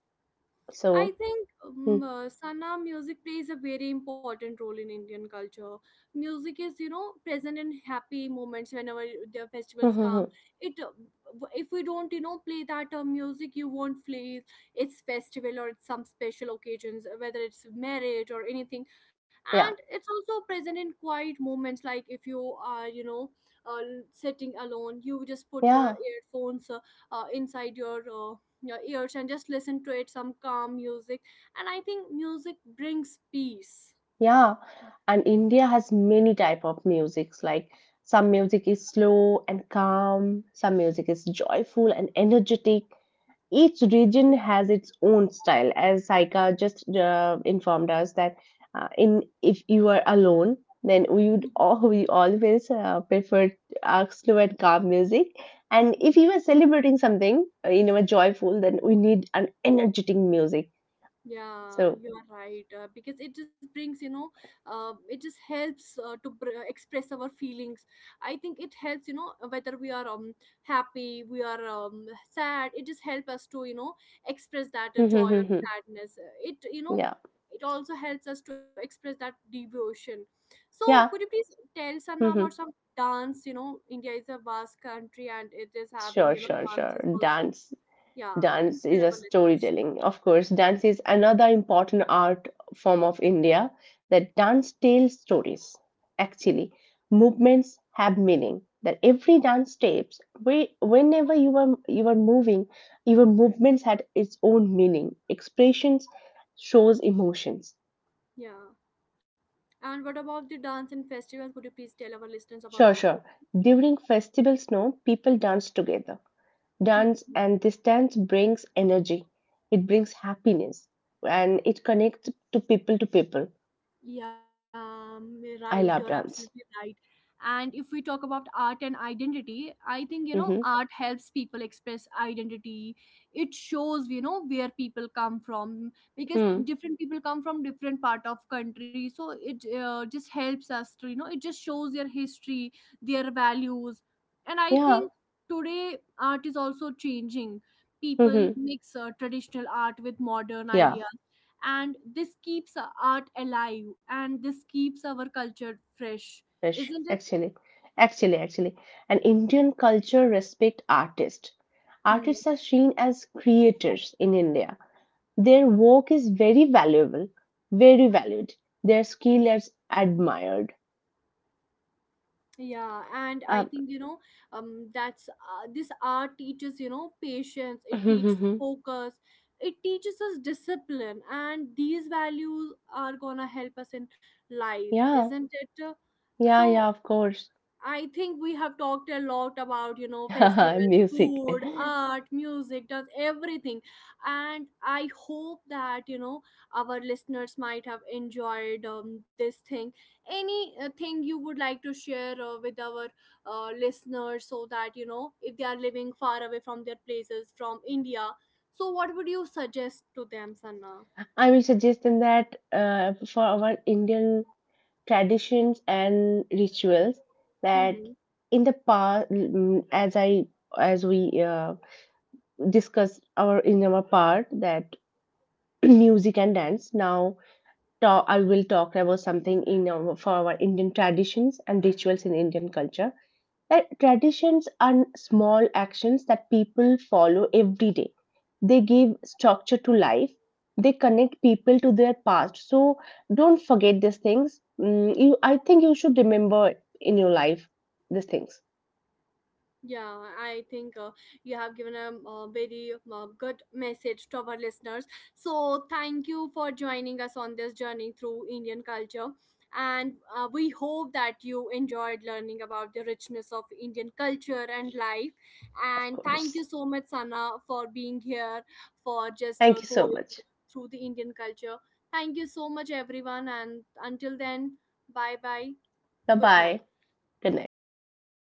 Speaker 1: I
Speaker 2: So,
Speaker 1: think
Speaker 2: hmm,
Speaker 1: Sana, music plays a very important role in Indian culture. Music is, you know, present in happy moments whenever the
Speaker 2: hmm,
Speaker 1: festivals
Speaker 2: hmm, hmm.
Speaker 1: come. It, uh, if we don't, you know, play that music, you won't feel it's festival or it's some special occasions, whether it's marriage or anything. And
Speaker 2: Yeah,
Speaker 1: it's also present in quiet moments, like if you are, you know, uh, sitting alone, you just put your
Speaker 2: yeah,
Speaker 1: earphones inside your ears and just listen to it some calm music, and I think music brings peace.
Speaker 2: yeah. And India has many type of musics. Like some music is slow and calm, some music is joyful and energetic, each region has its own style as saika just informed us that in if you are alone then we would
Speaker 1: Mhm.
Speaker 2: all, we always prefer our slow and calm music. And if you are celebrating something you know joyful, then we need an energetic music.
Speaker 1: Yeah,
Speaker 2: So
Speaker 1: you are right. Because it just brings, it just helps to express our feelings. I think it helps, whether we are happy, we are sad. It just helps us to, you know, express that joy or
Speaker 2: yeah,
Speaker 1: sadness. It, you know, it also helps us to express that devotion. So, could you
Speaker 2: yeah.
Speaker 1: please tell Sanna about some dance? You know, India is a vast country and it is having,
Speaker 2: Sure,
Speaker 1: you know,
Speaker 2: sure, sure.
Speaker 1: dances also.
Speaker 2: Dance.
Speaker 1: Yeah, please
Speaker 2: Dance
Speaker 1: tell
Speaker 2: is a
Speaker 1: our listeners.
Speaker 2: storytelling. Of course, dance is another important art form of India, that dance tells stories. Actually, movements have meaning. That every dance steps, whenever you are moving, your movements had its own meaning. Expressions shows emotions.
Speaker 1: Yeah. And what about the dance and festivals? Could you please tell our listeners about
Speaker 2: Sure,
Speaker 1: that?
Speaker 2: sure. During festival snow, people dance together. Dance,
Speaker 1: Hmm.
Speaker 2: and this dance brings energy, it brings happiness, and it connects to people to people.
Speaker 1: Yeah, right. You're
Speaker 2: I love
Speaker 1: absolutely
Speaker 2: dance.
Speaker 1: right. And if we talk about art and identity, I think, you know,
Speaker 2: Mm-hmm.
Speaker 1: art helps people express identity. It shows, you know, where people come from because
Speaker 2: Hmm.
Speaker 1: different people come from different part of country. So it, just helps us to, you know, it just shows their history, their values. And I
Speaker 2: Yeah.
Speaker 1: think today art is also changing. People
Speaker 2: Mm-hmm.
Speaker 1: mix traditional art with modern
Speaker 2: Yeah.
Speaker 1: ideas, and this keeps our art alive and this keeps our culture fresh,
Speaker 2: Fresh.
Speaker 1: isn't it?
Speaker 2: Actually, and Indian culture respect artists.
Speaker 1: Hmm.
Speaker 2: Artists are seen as creators in India. Their work is very valuable, very valued. Their skill is admired.
Speaker 1: Yeah, and I
Speaker 2: Um,
Speaker 1: think, you know, that's this art teaches, you know, patience. It teaches focus. It teaches us discipline, and these values are gonna help us in life,
Speaker 2: yeah,
Speaker 1: isn't it?
Speaker 2: yeah,
Speaker 1: So
Speaker 2: yeah, of course.
Speaker 1: I think we have talked a lot about, you know, festivals,
Speaker 2: Music.
Speaker 1: food, art, music, does everything. And I hope that, you know, our listeners might have enjoyed this thing. Any thing you would like to share with our listeners so that, you know, if they are living far away from their places, from India, so what would you suggest to them, Sanna?
Speaker 2: I will suggest them that for our Indian traditions and rituals, that
Speaker 1: Mm-hmm.
Speaker 2: in the past, as I as we discussed our in our part, that music and dance. Now, I will talk about something in our, for our Indian traditions and rituals in Indian culture. Traditions are small actions that people follow every day. They give structure to life. They connect people to their past. So don't forget these things. I think you should remember in your life these things,
Speaker 1: Yeah, I think you have given a, very good message to our listeners. So, thank you for joining us on this journey through Indian culture. And we hope that you enjoyed learning about the richness of Indian culture and life.
Speaker 2: of
Speaker 1: And thank
Speaker 2: course.
Speaker 1: you so much, Sana, for being here, for just
Speaker 2: Thank you so
Speaker 1: going
Speaker 2: much.
Speaker 1: through the Indian culture. Thank you so much, everyone. And until then, bye bye.
Speaker 2: Bye
Speaker 1: Good
Speaker 2: bye.
Speaker 1: night.
Speaker 2: Good night.